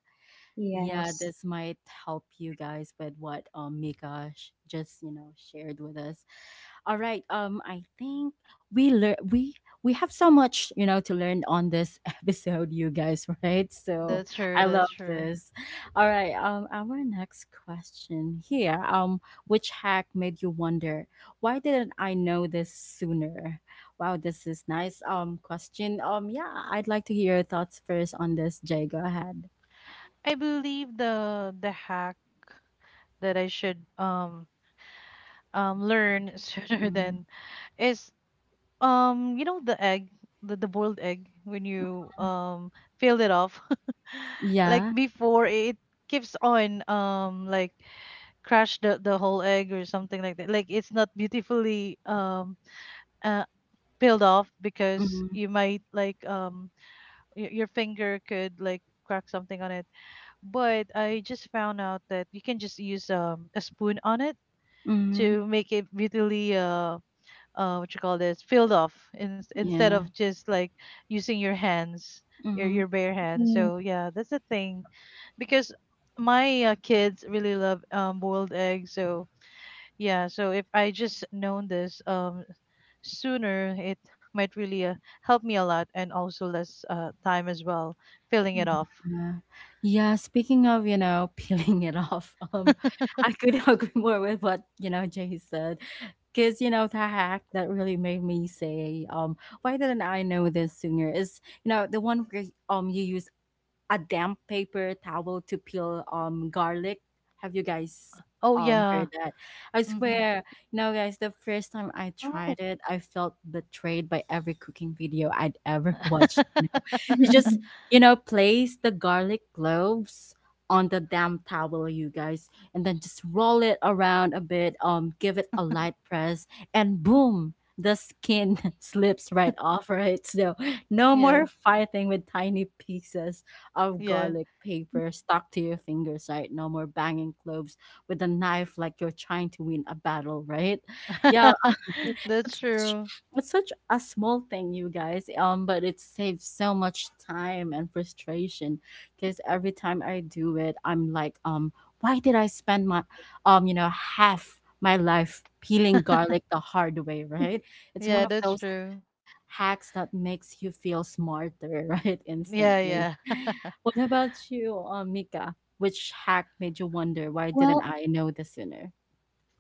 [SPEAKER 1] Yeah,
[SPEAKER 3] Yes.
[SPEAKER 1] this might help you guys with what um Mika sh- just, you know, shared with us. All right, um, I think we learn we we have so much, you know, to learn on this episode, you guys, right? So
[SPEAKER 2] That's true.
[SPEAKER 1] I
[SPEAKER 2] That's
[SPEAKER 1] love
[SPEAKER 2] true.
[SPEAKER 1] this. All right, um, our next question here, um, which hack made you wonder, why didn't I know this sooner? Wow, this is nice. Um, question. Um, yeah, I'd like to hear your thoughts first on this, Jay. Go ahead.
[SPEAKER 2] I believe the the hack that I should um um learn sooner
[SPEAKER 1] Mm.
[SPEAKER 2] than is um you know the egg the, the boiled egg when you um peel it off like
[SPEAKER 1] Yeah.
[SPEAKER 2] before it keeps on um like crash the the whole egg or something like that, like it's not beautifully um uh, peeled off because
[SPEAKER 1] Mhm.
[SPEAKER 2] you might like um y- your finger could like crack something on it. But I just found out that you can just use um a spoon on it
[SPEAKER 1] Mhm.
[SPEAKER 2] to make it really uh uh what you call this peeled off in, instead
[SPEAKER 1] Yeah.
[SPEAKER 2] of just like using your hands, your
[SPEAKER 1] Mhm.
[SPEAKER 2] your bare hands. So yeah, that's the thing because my uh, kids really love um boiled eggs. So yeah, so if I just known this um sooner, it might really uh, help me a lot and also less uh, time as well filling it off.
[SPEAKER 1] Yeah. Yeah, speaking of, you know, peeling it off, um, I couldn't agree more with what, you know, Jay said. Cause, you know, the hack that really made me say, um, why didn't I know this sooner is, you know, the one where, um, you use a damp paper towel to peel um garlic. Have you guys
[SPEAKER 2] Oh
[SPEAKER 1] um
[SPEAKER 2] yeah.
[SPEAKER 1] heard that? I
[SPEAKER 2] Hmm.
[SPEAKER 1] swear, you know guys, the first time I
[SPEAKER 3] Oh.
[SPEAKER 1] tried it, I felt betrayed by every cooking video I'd ever watched, you know. You just, you know, place the garlic cloves on the damp towel, you guys, and then just roll it around a bit, um, give it a light press, and boom, the skin slips right off, right? So no
[SPEAKER 2] Yes.
[SPEAKER 1] more fighting with tiny pieces of
[SPEAKER 2] Yes.
[SPEAKER 1] garlic paper stuck to your fingers, right? No more banging cloves with a knife like you're trying to win a battle, right? Yeah,
[SPEAKER 2] That's
[SPEAKER 1] it's such,
[SPEAKER 2] true.
[SPEAKER 1] it's such a small thing, you guys. Um, but it saves so much time and frustration, because every time I do it, I'm like, um, why did I spend my, um, you know, half my life peeling garlic the hard way, right? It's one
[SPEAKER 2] Yeah,
[SPEAKER 1] of
[SPEAKER 2] that's
[SPEAKER 1] those
[SPEAKER 2] true.
[SPEAKER 1] hacks that makes you feel smarter, right?
[SPEAKER 2] Yeah,
[SPEAKER 1] Instantly.
[SPEAKER 2] yeah.
[SPEAKER 1] What about you, um, Mika? Which hack made you wonder why didn't
[SPEAKER 3] Well,
[SPEAKER 1] I know this sooner?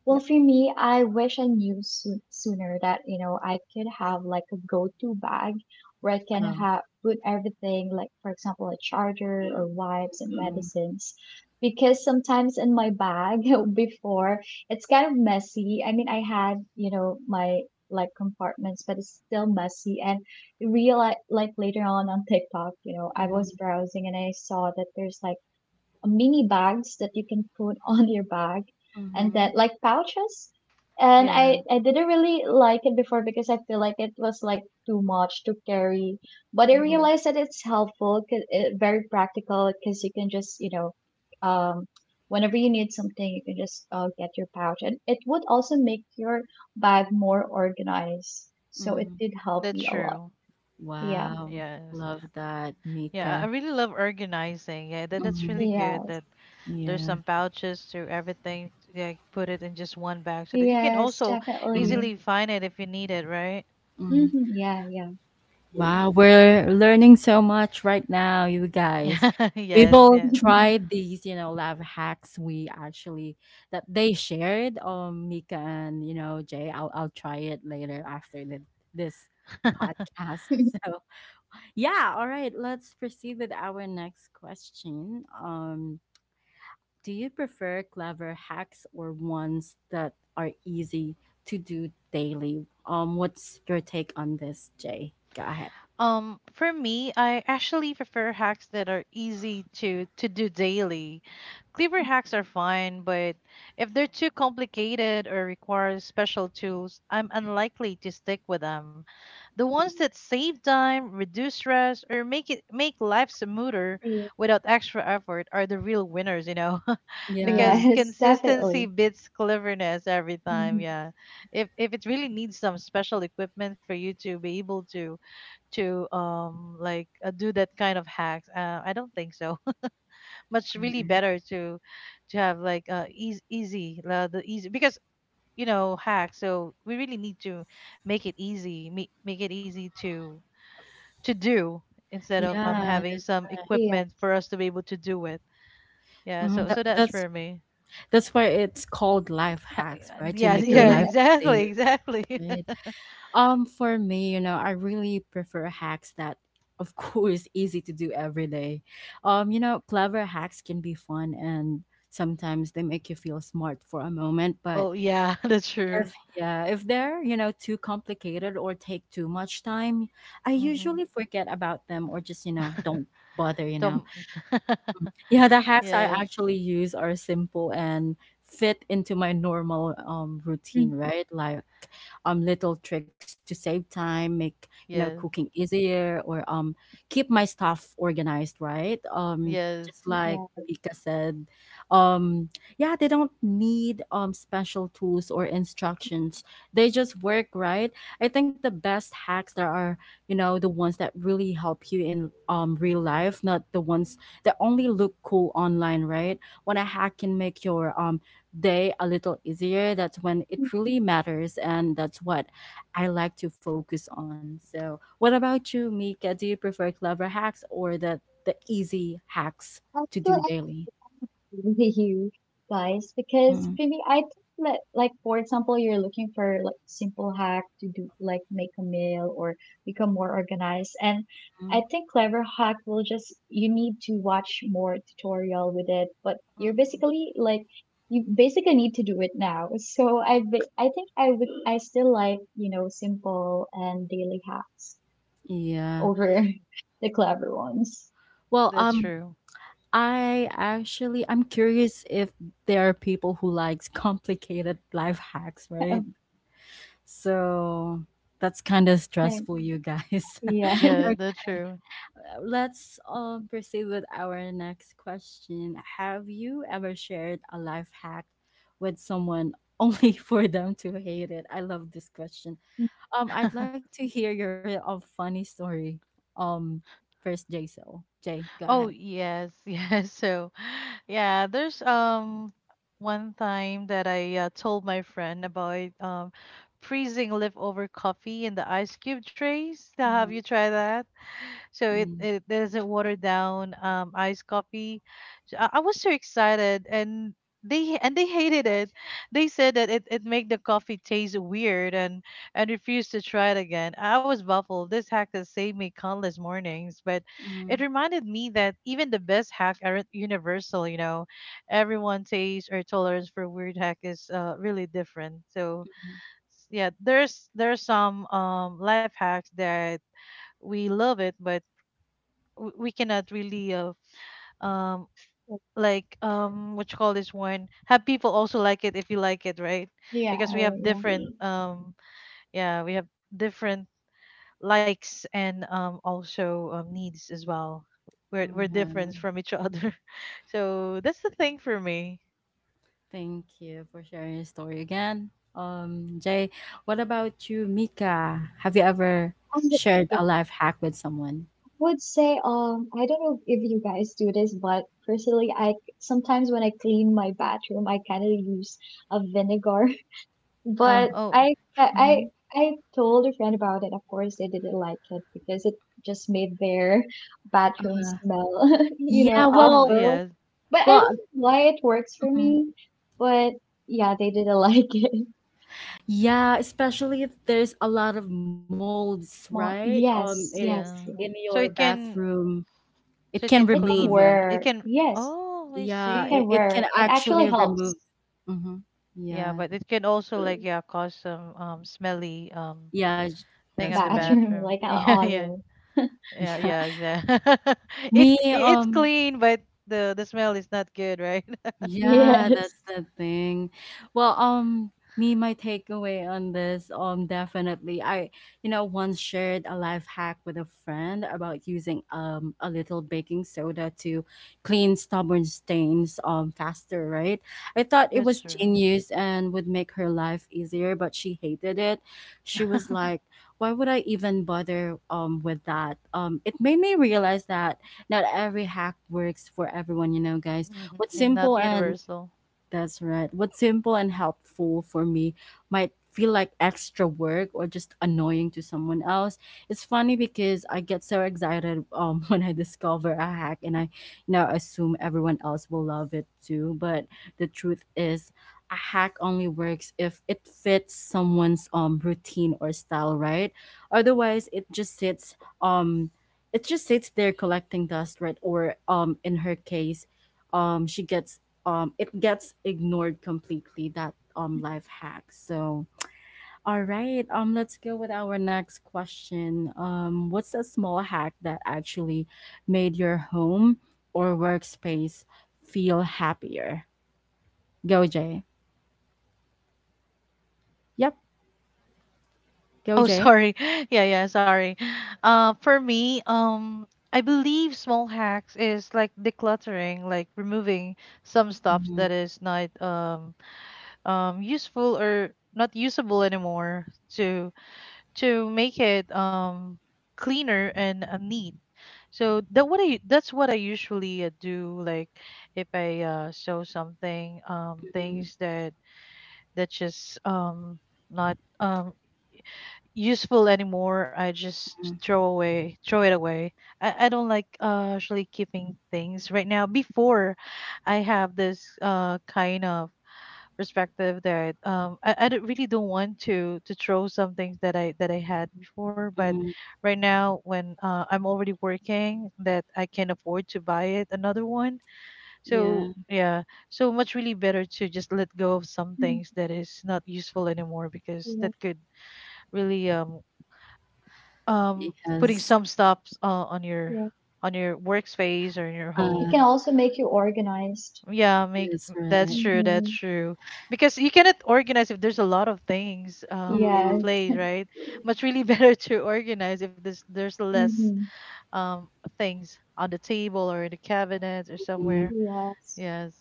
[SPEAKER 3] well,
[SPEAKER 1] Yep.
[SPEAKER 3] for me, I wish I knew soo sooner that, you know, I could have like a go-to bag where I can
[SPEAKER 1] Um,
[SPEAKER 3] have put everything, like for example, a charger or wipes and medicines. Because sometimes in my bag before, it's kind of messy. I mean, I had, you know, my like compartments, but it's still messy. And realize like later on on TikTok, you know, I
[SPEAKER 1] mm-hmm.
[SPEAKER 3] was browsing, and I saw that there's like mini bags that you can put on your bag, and
[SPEAKER 1] Mm-hmm.
[SPEAKER 3] that like pouches. And
[SPEAKER 2] Yeah.
[SPEAKER 3] I, I didn't really like it before, because I feel like it was like too much to carry. But I
[SPEAKER 2] Hmm.
[SPEAKER 3] realized that it's helpful, 'cause it, very practical, because you can just, you know, um, whenever you need something, you can just uh, get your pouch. And it would also make your bag more organized. So it
[SPEAKER 1] Mm.
[SPEAKER 3] did help
[SPEAKER 2] That's
[SPEAKER 3] me a lot.
[SPEAKER 2] true.
[SPEAKER 3] Yeah.
[SPEAKER 1] Wow.
[SPEAKER 2] Yes.
[SPEAKER 1] Love that,
[SPEAKER 2] Yeah, I I
[SPEAKER 1] Mika.
[SPEAKER 2] really love organizing. Yeah, that, that's
[SPEAKER 1] Mhm.
[SPEAKER 2] really good
[SPEAKER 3] Yes.
[SPEAKER 2] that there's
[SPEAKER 1] Yeah.
[SPEAKER 2] some pouches to everything. Yeah, put it in just one bag so that you can
[SPEAKER 3] Yes,
[SPEAKER 2] also
[SPEAKER 1] Mm,
[SPEAKER 3] definitely.
[SPEAKER 2] easily find it if you need it, right?
[SPEAKER 1] mm.
[SPEAKER 3] Hmm. Yeah, yeah.
[SPEAKER 1] Wow, we're learning so much right now, you guys.
[SPEAKER 2] Yeah,
[SPEAKER 1] We
[SPEAKER 2] yes,
[SPEAKER 1] will
[SPEAKER 2] yes.
[SPEAKER 1] try these, you know, lab hacks we actually that they shared, um, Mika and, you know, Jay. I'll I'll try it later after the, this podcast. So yeah, all right, let's proceed with our next question. Um, Do you prefer clever hacks or ones that are easy to do daily? Um, what's your take on this, Jay? Go ahead.
[SPEAKER 2] Um, for me, I actually prefer hacks that are easy to to do daily. Clever hacks are fine, but if they're too complicated or require special tools, I'm unlikely to stick with them. The ones
[SPEAKER 1] Mm,
[SPEAKER 2] that save time, reduce stress, or make it make life smoother
[SPEAKER 3] Yeah.
[SPEAKER 2] without extra effort are the real winners, you know, because
[SPEAKER 1] yeah.
[SPEAKER 3] Yes,
[SPEAKER 2] consistency
[SPEAKER 3] definitely.
[SPEAKER 2] beats cleverness every time.
[SPEAKER 3] Mhm.
[SPEAKER 2] Yeah, if if it really needs some special equipment for you to be able to to um like uh, do that kind of hacks. Uh, I don't think so. Much
[SPEAKER 1] All
[SPEAKER 2] really
[SPEAKER 1] right.
[SPEAKER 2] better to to have like uh easy easy uh, the easy because you know hacks. So we really need to make it easy, make make it easy to to do instead of um
[SPEAKER 1] Yeah,
[SPEAKER 2] having
[SPEAKER 1] that's,
[SPEAKER 2] some
[SPEAKER 3] Yeah.
[SPEAKER 2] equipment for us to be able to do it. Yeah,
[SPEAKER 1] mhm,
[SPEAKER 2] so
[SPEAKER 1] that,
[SPEAKER 2] so that's
[SPEAKER 1] that's
[SPEAKER 2] for me.
[SPEAKER 1] that's why it's called life
[SPEAKER 2] Ha-
[SPEAKER 1] hacks, right? To
[SPEAKER 2] Yeah,
[SPEAKER 1] make your
[SPEAKER 2] yeah,
[SPEAKER 1] life
[SPEAKER 3] Yeah.
[SPEAKER 2] exactly,
[SPEAKER 1] easier,
[SPEAKER 2] exactly.
[SPEAKER 1] right? Um, for me, you know, I really prefer hacks that, of course, easy to do every day. Um, you know, clever hacks can be fun and sometimes they make you feel smart for a moment, but
[SPEAKER 2] Oh yeah, that's true.
[SPEAKER 1] if, yeah, if they're, you know, too complicated or take too much time, I
[SPEAKER 2] Mm-hmm.
[SPEAKER 1] usually forget about them or just, you know, don't bother, you know.
[SPEAKER 2] Don't.
[SPEAKER 1] Yeah, the hacks I
[SPEAKER 2] Yes,
[SPEAKER 1] actually use are simple and fit into my normal um routine,
[SPEAKER 3] Mm.
[SPEAKER 1] right? Like um little tricks to save time, make, you know,
[SPEAKER 2] yes.
[SPEAKER 1] cooking easier or um keep my stuff organized, right? Um
[SPEAKER 2] Yes.
[SPEAKER 1] just like
[SPEAKER 3] Yeah.
[SPEAKER 1] Pika said, um, yeah, they don't need um special tools or instructions. They just work, right? I think the best hacks there are, you know, the ones that really help you in um real life, not the ones that only look cool online, right? When a hack can make your um day a little easier, that's when it really matters, and that's what I like to focus on. So, what about you, Mika? Do you prefer clever hacks or the the easy hacks to do
[SPEAKER 3] Actually,
[SPEAKER 1] daily?
[SPEAKER 3] you guys, because really I think that like for example you're looking for like simple hack to do like make a meal or become more organized, and I
[SPEAKER 1] Mhm.
[SPEAKER 3] think clever hack will just you need to watch more tutorial with it, but you're
[SPEAKER 2] Mm.
[SPEAKER 3] basically like you basically need to do it now. So I ba- I think I would I still like you know simple and daily hacks
[SPEAKER 1] Yeah.
[SPEAKER 3] over the clever ones.
[SPEAKER 1] Well,
[SPEAKER 2] That's
[SPEAKER 1] um,
[SPEAKER 2] true.
[SPEAKER 1] I actually I'm curious if there are people who likes complicated life hacks, right? So that's kind of
[SPEAKER 3] May-.
[SPEAKER 1] stressful, you guys.
[SPEAKER 3] Yeah.
[SPEAKER 2] Yeah,
[SPEAKER 1] okay,
[SPEAKER 2] that's true.
[SPEAKER 1] let's um, proceed with our next question. Have you ever shared a life hack with someone only for them to hate it? I love this question. Um, I'd like to hear your uh, funny story. Um, first, Jay. So Jay, go ahead.
[SPEAKER 2] Oh, yes, yes. So, yeah, there's um one time that I uh, told my friend about um freezing leftover coffee in the ice cube trays. Now, have you
[SPEAKER 1] Mm-hmm.
[SPEAKER 2] tried that? So it, it doesn't water down um iced coffee. So I, I was so excited, and they and they hated it. They said that it, it made the coffee taste weird, and and refused to try it again. I was baffled. This hack has saved me countless mornings, but
[SPEAKER 1] Mm-hmm.
[SPEAKER 2] it reminded me that even the best hack aren't universal, you know. Everyone taste or tolerance for weird hack is uh, really different. So s- yeah, there's there's some um life hacks that we love it, but w- we cannot really uh, um like um what you call this one, have people also like it if you like it, right?
[SPEAKER 3] Yeah.
[SPEAKER 2] Because we
[SPEAKER 3] Oh,
[SPEAKER 1] Mm-hmm.
[SPEAKER 2] have
[SPEAKER 3] yeah.
[SPEAKER 2] different um yeah, we have different likes and um also um, needs as well. We're we're different
[SPEAKER 1] Mm-hmm.
[SPEAKER 2] from each other. So that's the thing for me.
[SPEAKER 1] Thank you for sharing your story again. Um, Jay, what about you, Mika? Have you ever
[SPEAKER 3] I would,
[SPEAKER 1] shared
[SPEAKER 3] yeah,
[SPEAKER 1] a
[SPEAKER 3] I
[SPEAKER 1] life hack with someone?
[SPEAKER 3] would say, um, I don't know if you guys do this, but personally, I sometimes when I clean my bathroom, I kind of use a vinegar.
[SPEAKER 1] Oh,
[SPEAKER 3] But
[SPEAKER 2] Oh.
[SPEAKER 3] I, I,
[SPEAKER 1] mhm.
[SPEAKER 3] I I told a friend about it. Of course, they didn't like it because it just made their bathroom smell, you know,
[SPEAKER 1] yeah.
[SPEAKER 2] Oh
[SPEAKER 1] Well,
[SPEAKER 3] awful.
[SPEAKER 2] yeah.
[SPEAKER 3] But I
[SPEAKER 1] well,
[SPEAKER 3] don't know why it works for
[SPEAKER 1] mhm.
[SPEAKER 3] me. But yeah, they didn't like it.
[SPEAKER 1] yeah. Especially if there's a lot of molds, right?
[SPEAKER 3] Mo-
[SPEAKER 1] Um, in,
[SPEAKER 3] Yes,
[SPEAKER 2] Yeah.
[SPEAKER 1] in
[SPEAKER 3] yes, yeah.
[SPEAKER 1] your
[SPEAKER 2] So it can.
[SPEAKER 1] bathroom, it
[SPEAKER 2] So it
[SPEAKER 1] can
[SPEAKER 2] can
[SPEAKER 3] It can
[SPEAKER 1] remove.
[SPEAKER 2] clean.
[SPEAKER 1] Uh,
[SPEAKER 2] It
[SPEAKER 3] work.
[SPEAKER 2] can.
[SPEAKER 3] Yes,
[SPEAKER 2] Oh, I
[SPEAKER 3] it
[SPEAKER 1] yeah,
[SPEAKER 2] see.
[SPEAKER 1] it,
[SPEAKER 3] can
[SPEAKER 1] it
[SPEAKER 3] work.
[SPEAKER 1] can
[SPEAKER 3] It actually
[SPEAKER 1] actually
[SPEAKER 3] helps
[SPEAKER 1] remove. Hmm.
[SPEAKER 2] Yeah,
[SPEAKER 1] Yeah,
[SPEAKER 2] but it can also like yeah cause some um smelly um
[SPEAKER 1] yeah. j-
[SPEAKER 2] thing on
[SPEAKER 1] That's
[SPEAKER 2] the
[SPEAKER 1] right.
[SPEAKER 3] bathroom
[SPEAKER 2] bathroom.
[SPEAKER 3] like an
[SPEAKER 2] Yeah, yeah,
[SPEAKER 3] odor.
[SPEAKER 2] yeah,
[SPEAKER 1] Yeah.
[SPEAKER 2] yeah. Exactly. it
[SPEAKER 1] Me.
[SPEAKER 2] c- it's
[SPEAKER 1] Um.
[SPEAKER 2] clean, but the the smell is not good, right?
[SPEAKER 1] Yeah,
[SPEAKER 3] Yes.
[SPEAKER 1] that's the thing. Well, um, me, my takeaway on this, um, definitely, I, you know, once shared a life hack with a friend about using um a little baking soda to clean stubborn stains um faster, right? I thought it
[SPEAKER 2] That's
[SPEAKER 1] was
[SPEAKER 2] true.
[SPEAKER 1] genius and would make her life easier, but she hated it. She was like, "Why would I even bother um with that?" Um, it made me realize that not every hack works for everyone, you know, guys.
[SPEAKER 2] Mhm.
[SPEAKER 1] What's
[SPEAKER 2] And not
[SPEAKER 1] simple and
[SPEAKER 2] universal.
[SPEAKER 1] That's right. What's simple and helpful for me might feel like extra work or just annoying to someone else. It's funny because I get so excited um when I discover a hack, and I you know assume everyone else will love it too. But the truth is, a hack only works if it fits someone's um routine or style, right? Otherwise, it just sits um it just sits there collecting dust, right? Or um in her case, um she gets um it gets ignored completely, that um life hack. So, all right, um let's go with our next question. Um what's a small hack that actually made your home or workspace feel happier? Go, Jay. Yep. Go,
[SPEAKER 2] Oh,
[SPEAKER 1] Jay.
[SPEAKER 2] sorry. Yeah, yeah, sorry. Uh, for me, um, I believe small hacks is like decluttering, like removing some stuff
[SPEAKER 1] Mhm,
[SPEAKER 2] that is not um um useful or not usable anymore to to make it um cleaner and uh, neat. So that what I that's what I usually uh, do. Like if I uh, sew something, um,
[SPEAKER 1] mhm,
[SPEAKER 2] things that that just um not um useful anymore, I just
[SPEAKER 1] mhm,
[SPEAKER 2] throw away, throw it away. I, I don't like uh, actually keeping things right now. Before, I have this uh kind of perspective that um I, I don't- really don't want to to throw some things that I that I had before. But
[SPEAKER 1] mhm.
[SPEAKER 2] right now when uh, I'm already working, that I can afford to buy it another one. So
[SPEAKER 1] Yeah.
[SPEAKER 2] yeah, so much really better to just let go of some
[SPEAKER 3] Mm.
[SPEAKER 2] things that is not useful anymore because that
[SPEAKER 3] Yeah,
[SPEAKER 2] could really um um putting
[SPEAKER 1] Because
[SPEAKER 2] some stops uh, on your
[SPEAKER 3] yeah.
[SPEAKER 2] on your workspace or in your
[SPEAKER 3] It
[SPEAKER 1] uh
[SPEAKER 3] can
[SPEAKER 2] home.
[SPEAKER 3] also make you organized.
[SPEAKER 2] Yeah, make
[SPEAKER 1] that's
[SPEAKER 2] that's
[SPEAKER 1] right.
[SPEAKER 2] true, that's
[SPEAKER 3] Mm-hmm.
[SPEAKER 2] true. Because you cannot organize if there's a lot of things um in the
[SPEAKER 3] Yes.
[SPEAKER 2] place, right? Much really better to organize if there's there's less
[SPEAKER 3] Mm-hmm.
[SPEAKER 2] um things on the table or in the cabinets or somewhere.
[SPEAKER 3] Yes.
[SPEAKER 2] Yes.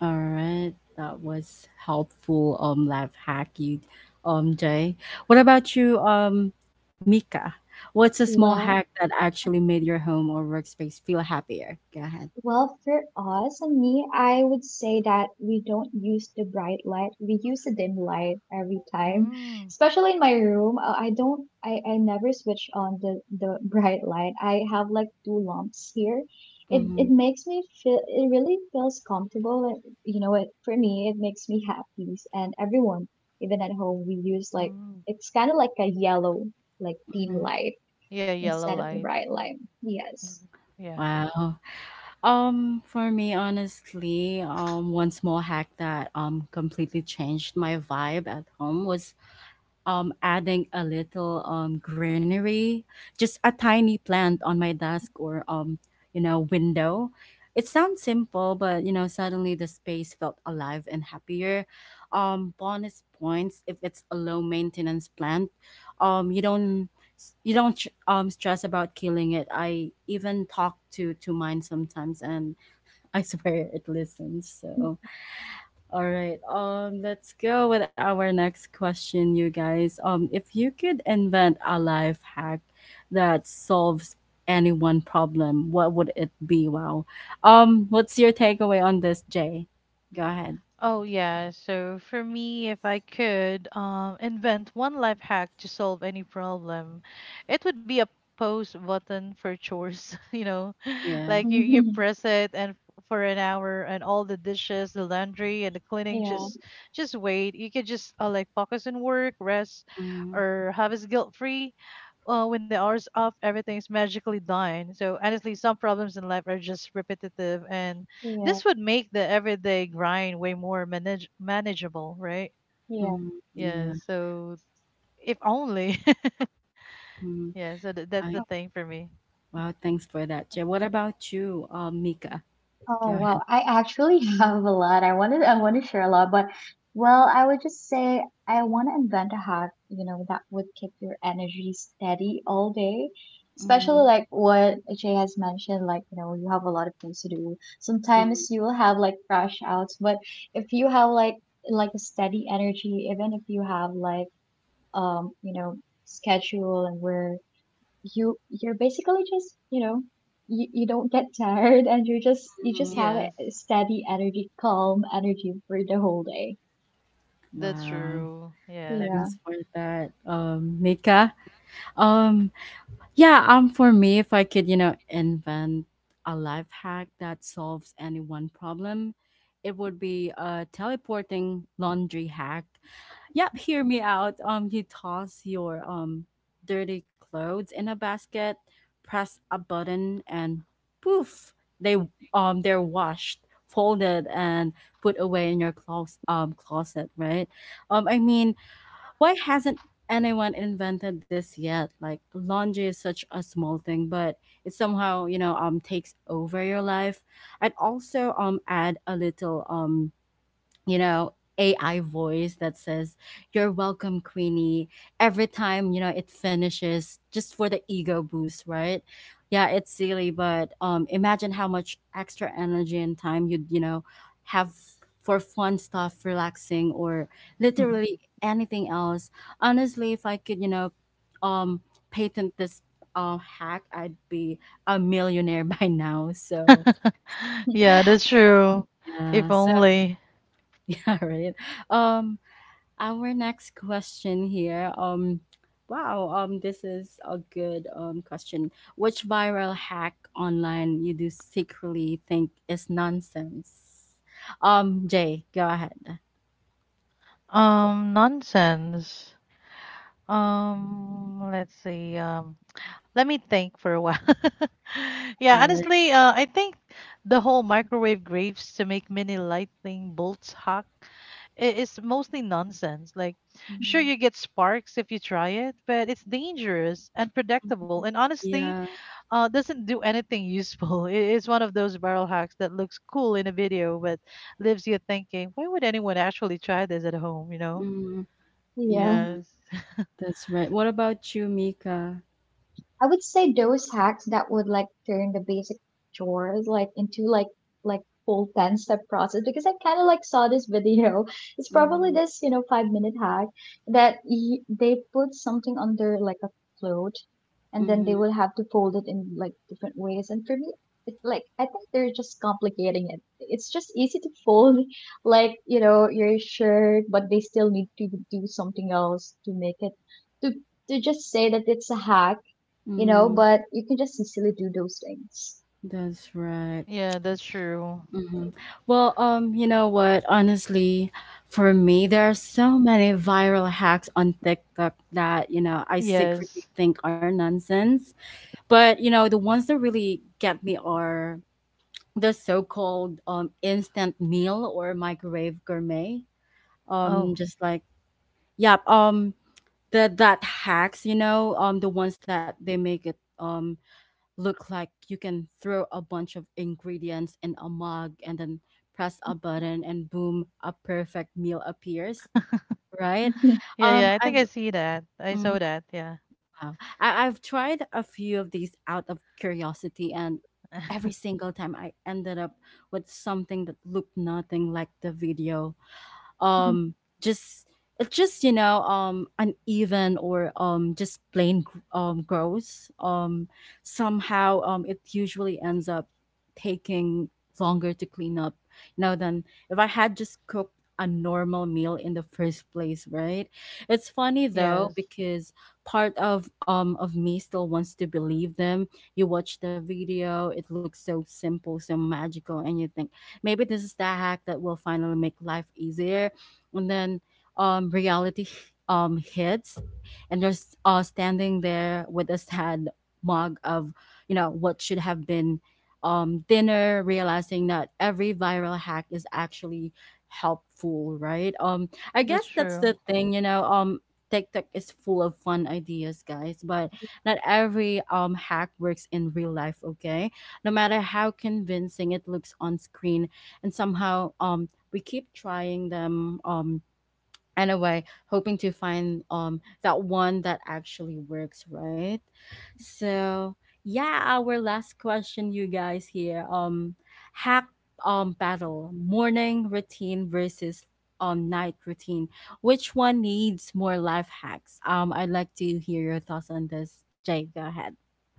[SPEAKER 1] All right, that was helpful, um life hack, you, um Jay. What about you, um Mika? What's a small hack
[SPEAKER 3] Well,
[SPEAKER 1] that actually made your home or workspace feel happier? Go ahead.
[SPEAKER 3] Well, for us and me, I would say that we don't use the bright light. We use the dim light every time,
[SPEAKER 2] Mm,
[SPEAKER 3] especially in my room. uh, I don't, I, I never switch on the, the bright light. I have like two lamps here. It,
[SPEAKER 1] Mm-hmm.
[SPEAKER 3] it makes me feel, it really feels comfortable. And, You know, it, for me, it makes me happy. And everyone, even at home, we use like,
[SPEAKER 2] mm.
[SPEAKER 3] it's kind of like a yellow, like dim
[SPEAKER 1] Mhm.
[SPEAKER 3] light
[SPEAKER 2] Yeah, yellow
[SPEAKER 3] instead of the
[SPEAKER 2] light.
[SPEAKER 3] bright light.
[SPEAKER 2] Mm,
[SPEAKER 3] Yes.
[SPEAKER 2] mm. Yeah.
[SPEAKER 1] Wow. Um, for me, honestly, um, one small hack that um completely changed my vibe at home was um, adding a little um, greenery, just a tiny plant on my desk or um, you know window. It sounds simple, but you know suddenly the space felt alive and happier. Um, bonus points if it's a low maintenance plant. Um, you don't you don't ch- um stress about killing it. I even talk to to mine sometimes, and I swear it listens. So. All right. Um, let's go with our next question, you guys. Um, if you could invent a life hack that solves any one problem, what would it be? Wow. Um, what's your takeaway on this, Jay? Go ahead.
[SPEAKER 2] Oh yeah, so for me, if I could um, invent one life hack to solve any problem, it would be a pause button for chores. You know,
[SPEAKER 1] Yeah.
[SPEAKER 2] like you you press it and f- for an hour, and all the dishes, the laundry, and the cleaning
[SPEAKER 3] Yeah.
[SPEAKER 2] just just wait. You could just uh, like focus on work, rest,
[SPEAKER 1] Mm.
[SPEAKER 2] or have us guilt free. Uh, when the hour's off, everything's magically done. So honestly, some problems in life are just repetitive, and
[SPEAKER 3] Yeah,
[SPEAKER 2] this would make the everyday grind way more manage- manageable, right?
[SPEAKER 3] yeah.
[SPEAKER 1] Mm.
[SPEAKER 2] Yeah,
[SPEAKER 1] Yeah.
[SPEAKER 2] so if only.
[SPEAKER 1] mm
[SPEAKER 2] Yeah, so th- that's
[SPEAKER 1] I
[SPEAKER 2] the
[SPEAKER 3] Oh,
[SPEAKER 2] thing for me.
[SPEAKER 1] Wow. Thanks for that, Jay. What about you, um, Mika? Go
[SPEAKER 3] oh, wow.
[SPEAKER 1] ahead.
[SPEAKER 3] I actually have a lot. I wanted I want to share a lot, but well, I would just say I want to invent a hack, you know, that would keep your energy steady all day.
[SPEAKER 2] Mm-hmm.
[SPEAKER 1] Mm,
[SPEAKER 3] Especially like what Jay has mentioned, like, you know, you have a lot of things to do.
[SPEAKER 1] mm,
[SPEAKER 3] Sometimes you will have like crash outs, but if you have like like a steady energy, even if you have like um, you know, schedule and where. you you're basically just you know you, you don't get tired and you're just you just
[SPEAKER 1] mm.
[SPEAKER 3] have a
[SPEAKER 2] Yes,
[SPEAKER 3] steady energy calm energy for the whole day
[SPEAKER 2] that's
[SPEAKER 1] Wow.
[SPEAKER 2] true. Yes.
[SPEAKER 3] yeah
[SPEAKER 1] Thanks for that, um, Mika. Um, Yeah, um, for me, if I could, you know, invent a life hack that solves any one problem, it would be a teleporting laundry hack. Yep, hear me out. Um, you toss your um dirty clothes in a basket, press a button, and poof, they um they're washed, folded, and put away in your clos- um closet, right? Um, I mean, why hasn't anyone invented this yet? Like, laundry is such a small thing, but it somehow, you know, um takes over your life. I'd also um add a little um you know A I voice that says, "You're welcome, Queenie." Every time you know it finishes, just for the ego boost, right? Yeah, it's silly, but um, imagine how much extra energy and time you'd you know have for fun stuff, relaxing, or
[SPEAKER 2] Mhm.
[SPEAKER 1] literally anything else. Honestly, if I could, you know, um, patent this uh, hack, I'd be a millionaire by now. So
[SPEAKER 2] Yeah, that's true. If
[SPEAKER 1] yeah, so
[SPEAKER 2] only.
[SPEAKER 1] yeah, right. Um, our next question here. Um, wow. Um, this is a good um question. Which viral hack online you do secretly think is nonsense? Um, Jay, go ahead.
[SPEAKER 2] Um, nonsense. Um, let's see. Um, let me think for a while.
[SPEAKER 1] All
[SPEAKER 2] Yeah,
[SPEAKER 1] right.
[SPEAKER 2] honestly, uh, I think the whole microwave graves to make mini lightning bolts hack i- is mostly nonsense. Like, sure,
[SPEAKER 1] Mhm.
[SPEAKER 2] you get sparks if you try it, but it's dangerous, unpredictable, and honestly,
[SPEAKER 1] Yeah.
[SPEAKER 2] uh, doesn't do anything useful. It is one of those barrel hacks that looks cool in a video, but leaves you thinking, why would anyone actually try this at home, you know?
[SPEAKER 1] Mm,
[SPEAKER 3] yeah.
[SPEAKER 1] yeah,
[SPEAKER 2] Yes.
[SPEAKER 1] that's right. What about you, Mika?
[SPEAKER 3] I would say those hacks that would like turn the basic chores like into like like full ten step process because I kind of like saw this video. It's probably
[SPEAKER 1] Mm,
[SPEAKER 3] this, you know, five minute hack that y they put something under like a float and then they
[SPEAKER 1] mm,
[SPEAKER 3] will have to fold it in like different ways, and for me it's like I think they're just complicating it. It's just easy to fold like, you know, your shirt, but they still need to do something else to make it to to just say that it's a hack you know,
[SPEAKER 1] mm,
[SPEAKER 3] but you can just sincerely do those things.
[SPEAKER 1] that's right.
[SPEAKER 2] Yeah, that's true.
[SPEAKER 1] hmm Well, um, you know what? Honestly, for me, there are so many viral hacks on TikTok that, you know, I
[SPEAKER 2] Yes.
[SPEAKER 1] secretly think are nonsense. But, you know, the ones that really get me are the so-called um instant meal or microwave gourmet.
[SPEAKER 2] Oh.
[SPEAKER 1] Um, just like, yeah, um, the that hacks, you know, um, the ones that they make it um look like you can throw a bunch of ingredients in a mug and then press a button and boom, a perfect meal appears. Right?
[SPEAKER 2] Yeah,
[SPEAKER 1] Um,
[SPEAKER 2] yeah. I think
[SPEAKER 1] I've
[SPEAKER 2] I see that. I saw
[SPEAKER 1] Mm,
[SPEAKER 2] that. Yeah.
[SPEAKER 1] wow. I, I've tried a few of these out of curiosity, and every single time I ended up with something that looked nothing like the video,
[SPEAKER 3] Mhm.
[SPEAKER 1] um just it's just you know um uneven, or um just plain gr- um gross. Um somehow um it usually ends up taking longer to clean up, you know than if I had just cooked a normal meal in the first place, right? It's funny, though,
[SPEAKER 2] Yes.
[SPEAKER 1] because part of um of me still wants to believe them. You watch the video, it looks so simple, so magical, and you think maybe this is the hack that will finally make life easier. And then um reality um hits, and you're s- uh, standing there with a sad mug of you know what should have been um dinner, realizing that every viral hack is actually helpful, right? um I
[SPEAKER 2] That's
[SPEAKER 1] guess that's the
[SPEAKER 2] true.
[SPEAKER 1] thing, you know um TikTok is full of fun ideas, guys, but not every um hack works in real life, okay, no matter how convincing it looks on screen. And somehow, um we keep trying them, um anyway, hoping to find um that one that actually works, right? So yeah, our last question, you guys, here. Um hack um battle: morning routine versus um night routine. Which one needs more life hacks? um I'd like to hear your thoughts on this, Jay. Go ahead.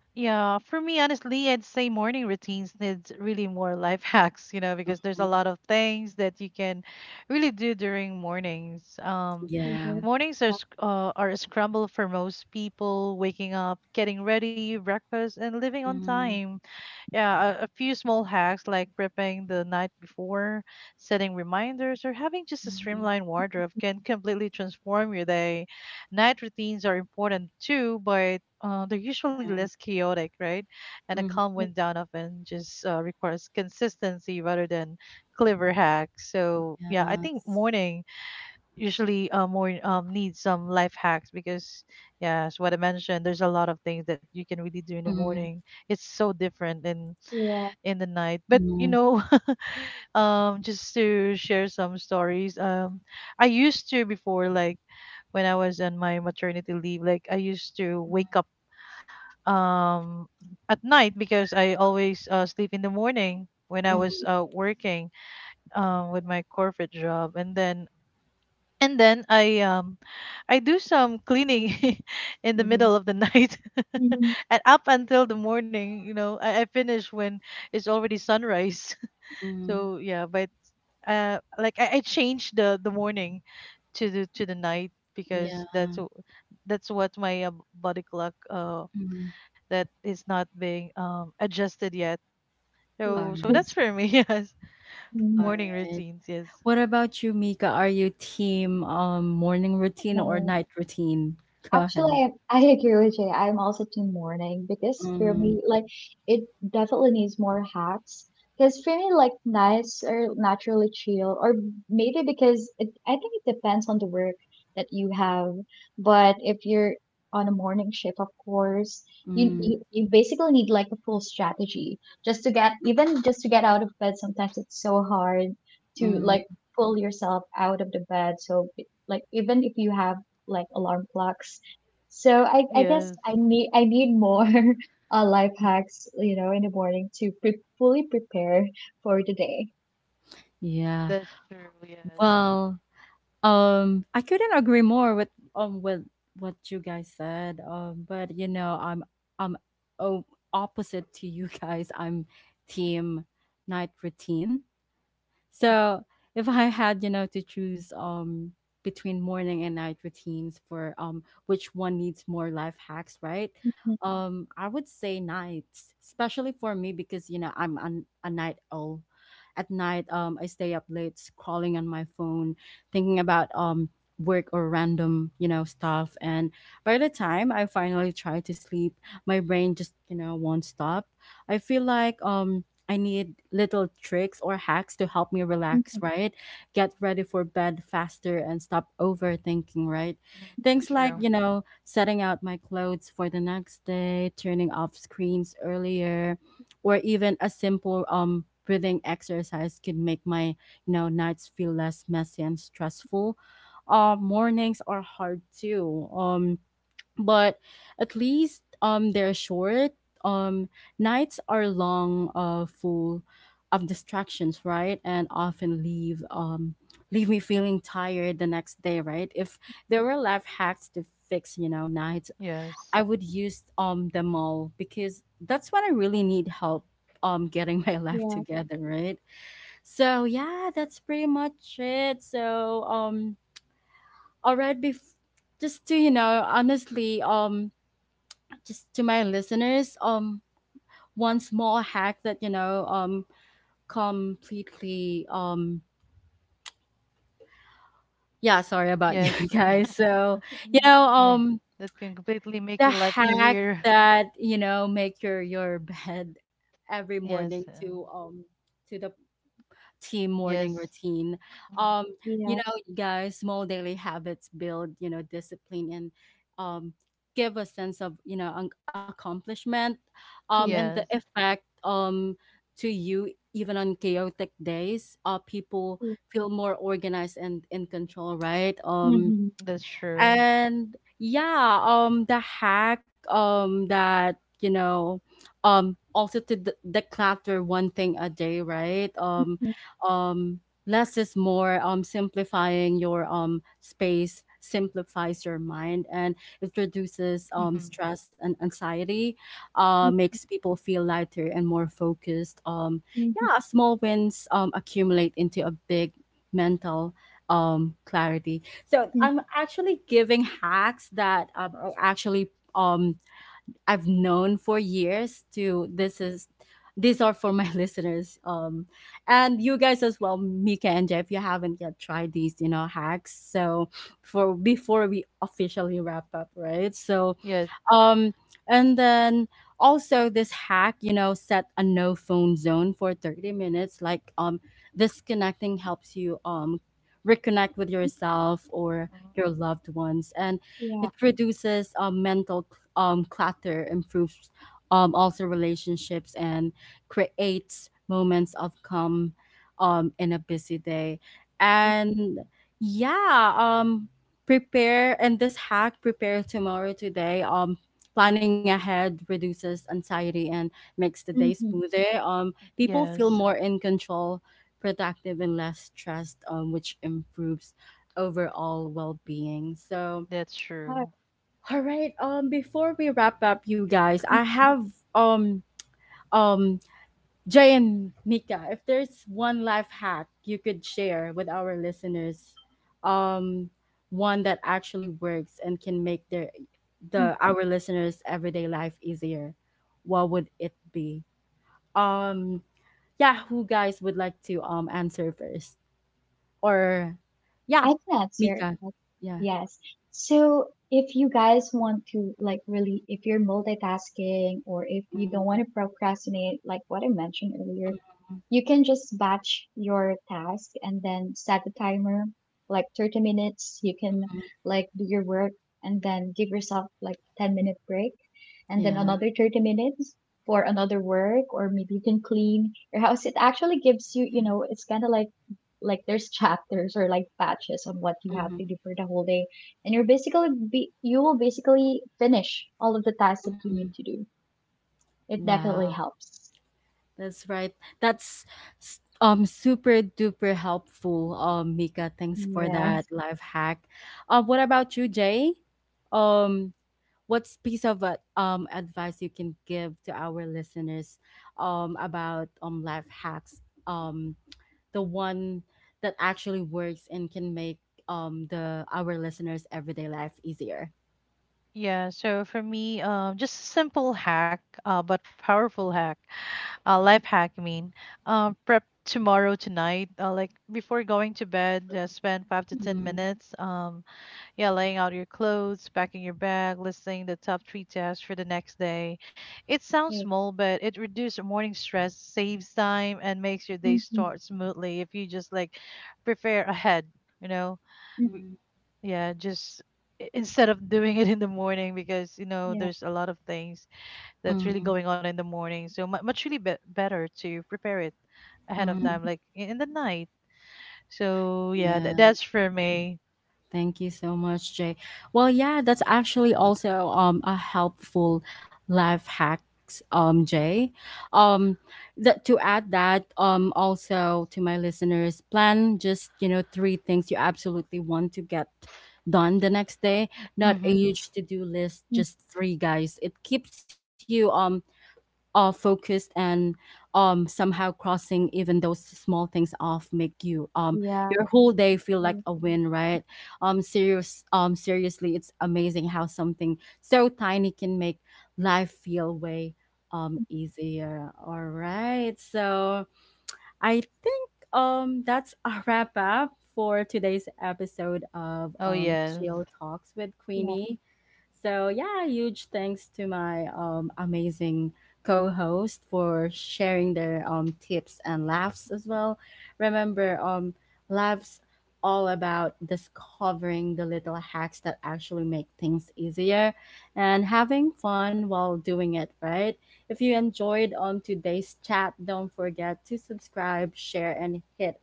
[SPEAKER 2] Yeah, for me, honestly, I'd say morning routines needs really more life hacks, you know, because there's a
[SPEAKER 1] Mhm.
[SPEAKER 2] lot of things that you can really do during mornings. Um,
[SPEAKER 1] Yeah.
[SPEAKER 3] Mhm.
[SPEAKER 2] mornings are
[SPEAKER 3] Yeah.
[SPEAKER 2] sc- uh, are a scramble for most people, waking up, getting ready, breakfast, and living on
[SPEAKER 1] Mm-hmm.
[SPEAKER 2] time. Yeah, a, a few small hacks like prepping the night before, setting reminders, or having just a streamlined wardrobe can completely transform your day. Night routines are important too, but uh, they're usually less chaotic, right? And a calm wind down often just uh, requires consistency rather than clever hacks. So yeah, I think
[SPEAKER 1] Yes.
[SPEAKER 2] morning usually uh, more um, needs some life hacks because, yeah, as what I mentioned, there's a lot of things that you can really do in the
[SPEAKER 1] Mm-hmm.
[SPEAKER 2] morning. It's so different and
[SPEAKER 3] Yeah.
[SPEAKER 2] in the night. But
[SPEAKER 1] Mm-hmm.
[SPEAKER 2] you know, um, just to share some stories. Um, I used to before, like when I was on my maternity leave, like I used to wake up um at night because I always uh, sleep in the morning when I was uh, working um with my corporate job, and then and then I um I do some cleaning in the
[SPEAKER 1] Mm-hmm.
[SPEAKER 2] middle of the night
[SPEAKER 3] Mhm.
[SPEAKER 2] and up until the morning. You know, I, I finish when it's already sunrise.
[SPEAKER 1] Mm,
[SPEAKER 2] So yeah, but uh, like I, I changed the the morning to the to the night because
[SPEAKER 1] yeah.
[SPEAKER 2] that's w- that's what my uh, body clock uh
[SPEAKER 1] Mhm.
[SPEAKER 2] that is not being um adjusted yet.
[SPEAKER 3] Yeah.
[SPEAKER 2] So so
[SPEAKER 1] Alright.
[SPEAKER 2] that's
[SPEAKER 3] Yes.
[SPEAKER 2] for me. Yes,
[SPEAKER 3] Mhm.
[SPEAKER 2] morning
[SPEAKER 1] Alright.
[SPEAKER 2] routines. Yes,
[SPEAKER 1] What about you, Mika? Are you team um morning routine or
[SPEAKER 3] Well,
[SPEAKER 1] night routine? Go ahead.
[SPEAKER 3] actually, I, I agree with you. I'm also team morning because for
[SPEAKER 1] Mm,
[SPEAKER 3] me, like, it definitely needs more hacks. Because for me, like, nights are naturally chill, or maybe because it, I think it depends on the work that you have. But if you're on a morning shift, of course, you,
[SPEAKER 1] mm,
[SPEAKER 3] you you basically need like a full strategy just to get even just to get out of bed. Sometimes it's so hard to
[SPEAKER 1] mm.
[SPEAKER 3] like pull yourself out of the bed. So like even if you have like alarm clocks, so I, I guess
[SPEAKER 2] yes,
[SPEAKER 3] I need I need more uh, life hacks, you know, in the morning to pre- fully prepare for the day.
[SPEAKER 1] Yeah.
[SPEAKER 2] that's true. Yes.
[SPEAKER 1] Well, um, I couldn't agree more with um with what you guys said. Um, but you know, I'm I'm oh, opposite to you guys. I'm team night routine. So, if I had, you know, to choose um between morning and night routines for um which one needs more life hacks, right?
[SPEAKER 3] Mhm,
[SPEAKER 1] Um, I would say nights, especially for me, because you know I'm an, a night owl. At night, um, I stay up late scrolling on my phone, thinking about um work or random you know stuff. And by the time I finally try to sleep, my brain just you know won't stop. I feel like um I need little tricks or hacks to help me relax,
[SPEAKER 3] mhm.
[SPEAKER 1] right? Get ready for bed faster and stop overthinking, right?
[SPEAKER 2] Mm, that's
[SPEAKER 1] Things like,
[SPEAKER 2] true.
[SPEAKER 1] you know, setting out my clothes for the next day, turning off screens earlier, or even a simple um breathing exercise can make my, you know, nights feel less messy and stressful. Uh, mornings are hard too. Um but at least um they're short. um Nights are long, uh full of distractions, right, and often leave um leave me feeling tired the next day, right? If there were life hacks to fix you know nights,
[SPEAKER 2] Yes,
[SPEAKER 1] I would use um them all, because that's when I really need help um getting my life
[SPEAKER 3] Yeah,
[SPEAKER 1] together, right? So yeah, that's pretty much it. So, um all right, bef- just to, you know honestly um just to my listeners, um, one small hack that you know, um, completely, um, yeah, sorry about you
[SPEAKER 2] yes,
[SPEAKER 1] guys. So, you know,
[SPEAKER 2] yeah.
[SPEAKER 1] um,
[SPEAKER 2] That can completely make
[SPEAKER 1] the
[SPEAKER 2] the life
[SPEAKER 1] hack
[SPEAKER 2] easier.
[SPEAKER 1] that you know make your your bed every morning,
[SPEAKER 2] Yes,
[SPEAKER 1] to
[SPEAKER 2] and
[SPEAKER 1] um to the team morning
[SPEAKER 2] yes.
[SPEAKER 1] routine.
[SPEAKER 2] Mm,
[SPEAKER 1] Um, you know,
[SPEAKER 3] yes,
[SPEAKER 1] you guys, small daily habits build, you know, discipline, and um, give a sense of, you know, an accomplishment, um, and
[SPEAKER 3] yeah,
[SPEAKER 1] the
[SPEAKER 2] yes,
[SPEAKER 1] effect, um, to you. Even on chaotic days, uh, people
[SPEAKER 3] yeah.
[SPEAKER 1] feel more organized and in control, right? Um,
[SPEAKER 3] Mm-hmm.
[SPEAKER 2] that's true.
[SPEAKER 1] and yeah um the hack um that you know um also to de- declutter one thing a day, right? um
[SPEAKER 3] Mm-hmm.
[SPEAKER 1] um Less is more. Um simplifying your um space simplifies your mind and it reduces
[SPEAKER 2] Mm-hmm.
[SPEAKER 1] um stress and anxiety, uh makes people feel lighter and more focused. Um
[SPEAKER 3] Mm-hmm.
[SPEAKER 1] yeah, small wins um accumulate into a big mental um clarity. So
[SPEAKER 3] Hmm.
[SPEAKER 1] I'm actually giving hacks that um, are actually um I've known for years. To
[SPEAKER 2] Mm-hmm.
[SPEAKER 1] this is These are for my listeners, um and you guys as well, Mika and Jeff, if you haven't yet tried these, you know hacks. So for before we officially wrap up, right? So
[SPEAKER 2] Yes.
[SPEAKER 1] um, and then also this hack, you know, set a no phone zone for thirty minutes. Like um, disconnecting helps you um reconnect with yourself or
[SPEAKER 2] Mm.
[SPEAKER 1] your loved ones, and
[SPEAKER 3] Yeah.
[SPEAKER 1] it reduces um, mental um clutter, improves um also relationships, and creates moments of calm um in a busy day. And yeah, um Prepare — and this hack, prepare tomorrow today. um Planning ahead reduces anxiety and makes the day
[SPEAKER 3] Mm-hmm.
[SPEAKER 1] smoother. Um, people feel
[SPEAKER 2] Yes,
[SPEAKER 1] more in control, productive, and less stressed, um, which improves overall well-being. So,
[SPEAKER 2] that's
[SPEAKER 3] All right.
[SPEAKER 2] true.
[SPEAKER 1] all right. Um, before we wrap up, you guys, I
[SPEAKER 3] Mm-hmm.
[SPEAKER 1] have um um Jay and Nika, if there's one life hack you could share with our listeners, um, one that actually works and can make their the our listeners' everyday life easier, what would it be? Um, yeah, who guys would like to um answer first? Or
[SPEAKER 3] I
[SPEAKER 1] yeah,
[SPEAKER 3] can answer
[SPEAKER 1] Mika,
[SPEAKER 3] that.
[SPEAKER 1] yeah.
[SPEAKER 3] Yes. So if you guys want to like really, if you're multitasking or if you don't
[SPEAKER 1] Mhm,
[SPEAKER 3] want to procrastinate, like what I mentioned earlier,
[SPEAKER 1] mhm,
[SPEAKER 3] you can just batch your task and then set the timer like thirty minutes. You can
[SPEAKER 1] mhm.
[SPEAKER 3] like do your work and then give yourself like ten minute break and then
[SPEAKER 1] Yeah.
[SPEAKER 3] another thirty minutes for another work, or maybe you can clean your house. It actually gives you, you know, it's kind of like like there's chapters or like batches on what you have
[SPEAKER 1] Mhm,
[SPEAKER 3] to do for the whole day and you're basically be, you will basically finish all of the tasks that you
[SPEAKER 1] mhm.
[SPEAKER 3] need to do. It
[SPEAKER 1] Wow.
[SPEAKER 3] definitely helps.
[SPEAKER 1] That's right. That's s- um super duper helpful, um, Mika. Thanks for that
[SPEAKER 3] Yes.
[SPEAKER 1] life hack. Um, what about you, Jay? Um, what's piece of uh, um advice you can give to our listeners um about um life hacks? Um, the one that actually works and can make um the our listeners' everyday life easier.
[SPEAKER 2] Yeah, so for me, um, just a simple hack, uh, but powerful hack, uh, life hack, I mean, um, prep tomorrow tonight, uh, like before going to bed, uh, spend five to ten
[SPEAKER 1] Mm,
[SPEAKER 2] minutes, um, yeah, laying out your clothes, packing your bag, listing the top three tasks for the next day. It sounds small, but it reduces morning stress, saves time, and makes your day
[SPEAKER 3] Hmm.
[SPEAKER 2] start smoothly if you just like prepare ahead, you know.
[SPEAKER 1] mm.
[SPEAKER 2] Yeah, just i- instead of doing it in the morning because you know
[SPEAKER 3] Yeah.
[SPEAKER 2] there's a lot of things that's really
[SPEAKER 1] Mm,
[SPEAKER 2] going on in the morning. So mu- much really be- better to prepare it ahead of
[SPEAKER 1] mm,
[SPEAKER 2] time, like i- in the night. So yeah, th-
[SPEAKER 1] yeah.
[SPEAKER 2] that's for me.
[SPEAKER 1] Thank you so much, Jay. Well, yeah, that's actually also um a helpful life hacks, um, Jay. Um, that to add that um also to my listeners, plan just, you know, three things you absolutely want to get done the next day. Not a
[SPEAKER 2] Mm-hmm.
[SPEAKER 1] huge to do list,
[SPEAKER 3] Mhm.
[SPEAKER 1] just three, guys. It keeps you um uh, focused, and um, somehow crossing even those small things off make you, um,
[SPEAKER 3] Yeah.
[SPEAKER 1] your whole day feel like
[SPEAKER 3] Okay.
[SPEAKER 1] a win, right? Um, serious um, seriously, it's amazing how something so tiny can make life feel way, um, easier. All right, so I think um that's a wrap up for today's episode of
[SPEAKER 2] Oh
[SPEAKER 1] um
[SPEAKER 2] yeah.
[SPEAKER 1] Chill Talks with
[SPEAKER 3] Yeah.
[SPEAKER 1] Queenie. So yeah, huge thanks to my um amazing co-host for sharing their um tips and laughs as well. Remember, um laughs all about discovering the little hacks that actually make things easier and having fun while doing it, right? If you enjoyed um today's chat, don't forget to subscribe, share, and hit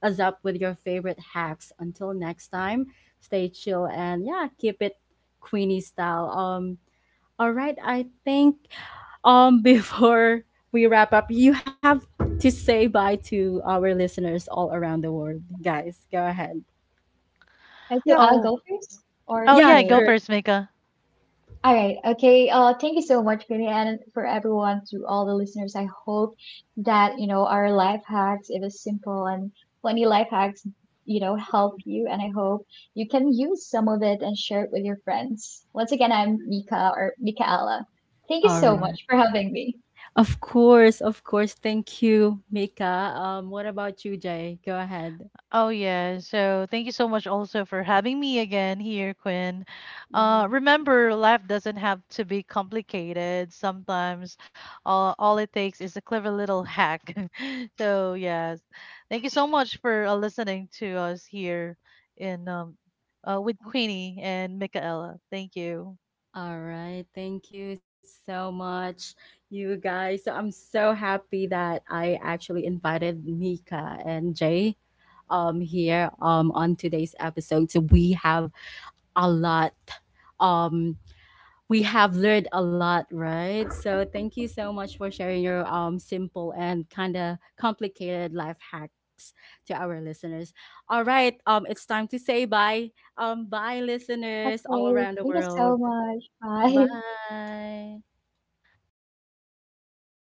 [SPEAKER 1] us up with your favorite hacks. Until next time, stay chill and, yeah, keep it Queenie style. Um, all right, I think um before we wrap up, you have to say bye to our listeners all around the world, guys. Go ahead.
[SPEAKER 3] And so
[SPEAKER 1] Yep.
[SPEAKER 3] I'll
[SPEAKER 2] Oh,
[SPEAKER 3] go first or
[SPEAKER 2] oh
[SPEAKER 1] Yeah,
[SPEAKER 2] yeah.
[SPEAKER 3] Shay.
[SPEAKER 2] Go
[SPEAKER 1] sure.
[SPEAKER 2] first, Mika.
[SPEAKER 3] All right. Okay. Uh, thank you so much, Penny, and for everyone, to all the listeners. I hope that, you know, our life hacks, it is simple and funny life hacks, you know, help you. And I hope you can use some of it and share it with your friends. Once again, I'm Mika or Mikaela. Thank you
[SPEAKER 1] All
[SPEAKER 3] so much
[SPEAKER 1] right.
[SPEAKER 3] for having me.
[SPEAKER 1] Of course, of course. Thank you, Mika. Um, what about you, Jay? Go ahead.
[SPEAKER 2] Oh yeah. So thank you so much also for having me again here, Quinn. Uh,
[SPEAKER 1] Mhm.
[SPEAKER 2] remember, life doesn't have to be complicated. Sometimes, all all it takes is a clever little hack. So yes, thank you so much for uh, listening to us here in um, uh, with Queenie and Michaela. Thank you.
[SPEAKER 1] All right. Thank you so much, you guys. So I'm so happy that I actually invited Mika and Jay um here um on today's episode. So we have a lot um we have learned a lot, right? So thank you so much for sharing your um simple and kind of complicated life hacks to our listeners. All right, um it's time to say bye. Um bye, listeners all
[SPEAKER 3] Okay.
[SPEAKER 1] around the
[SPEAKER 3] Thank you so
[SPEAKER 1] world.
[SPEAKER 3] much. Bye.
[SPEAKER 1] Bye.
[SPEAKER 2] Goodbye, guys.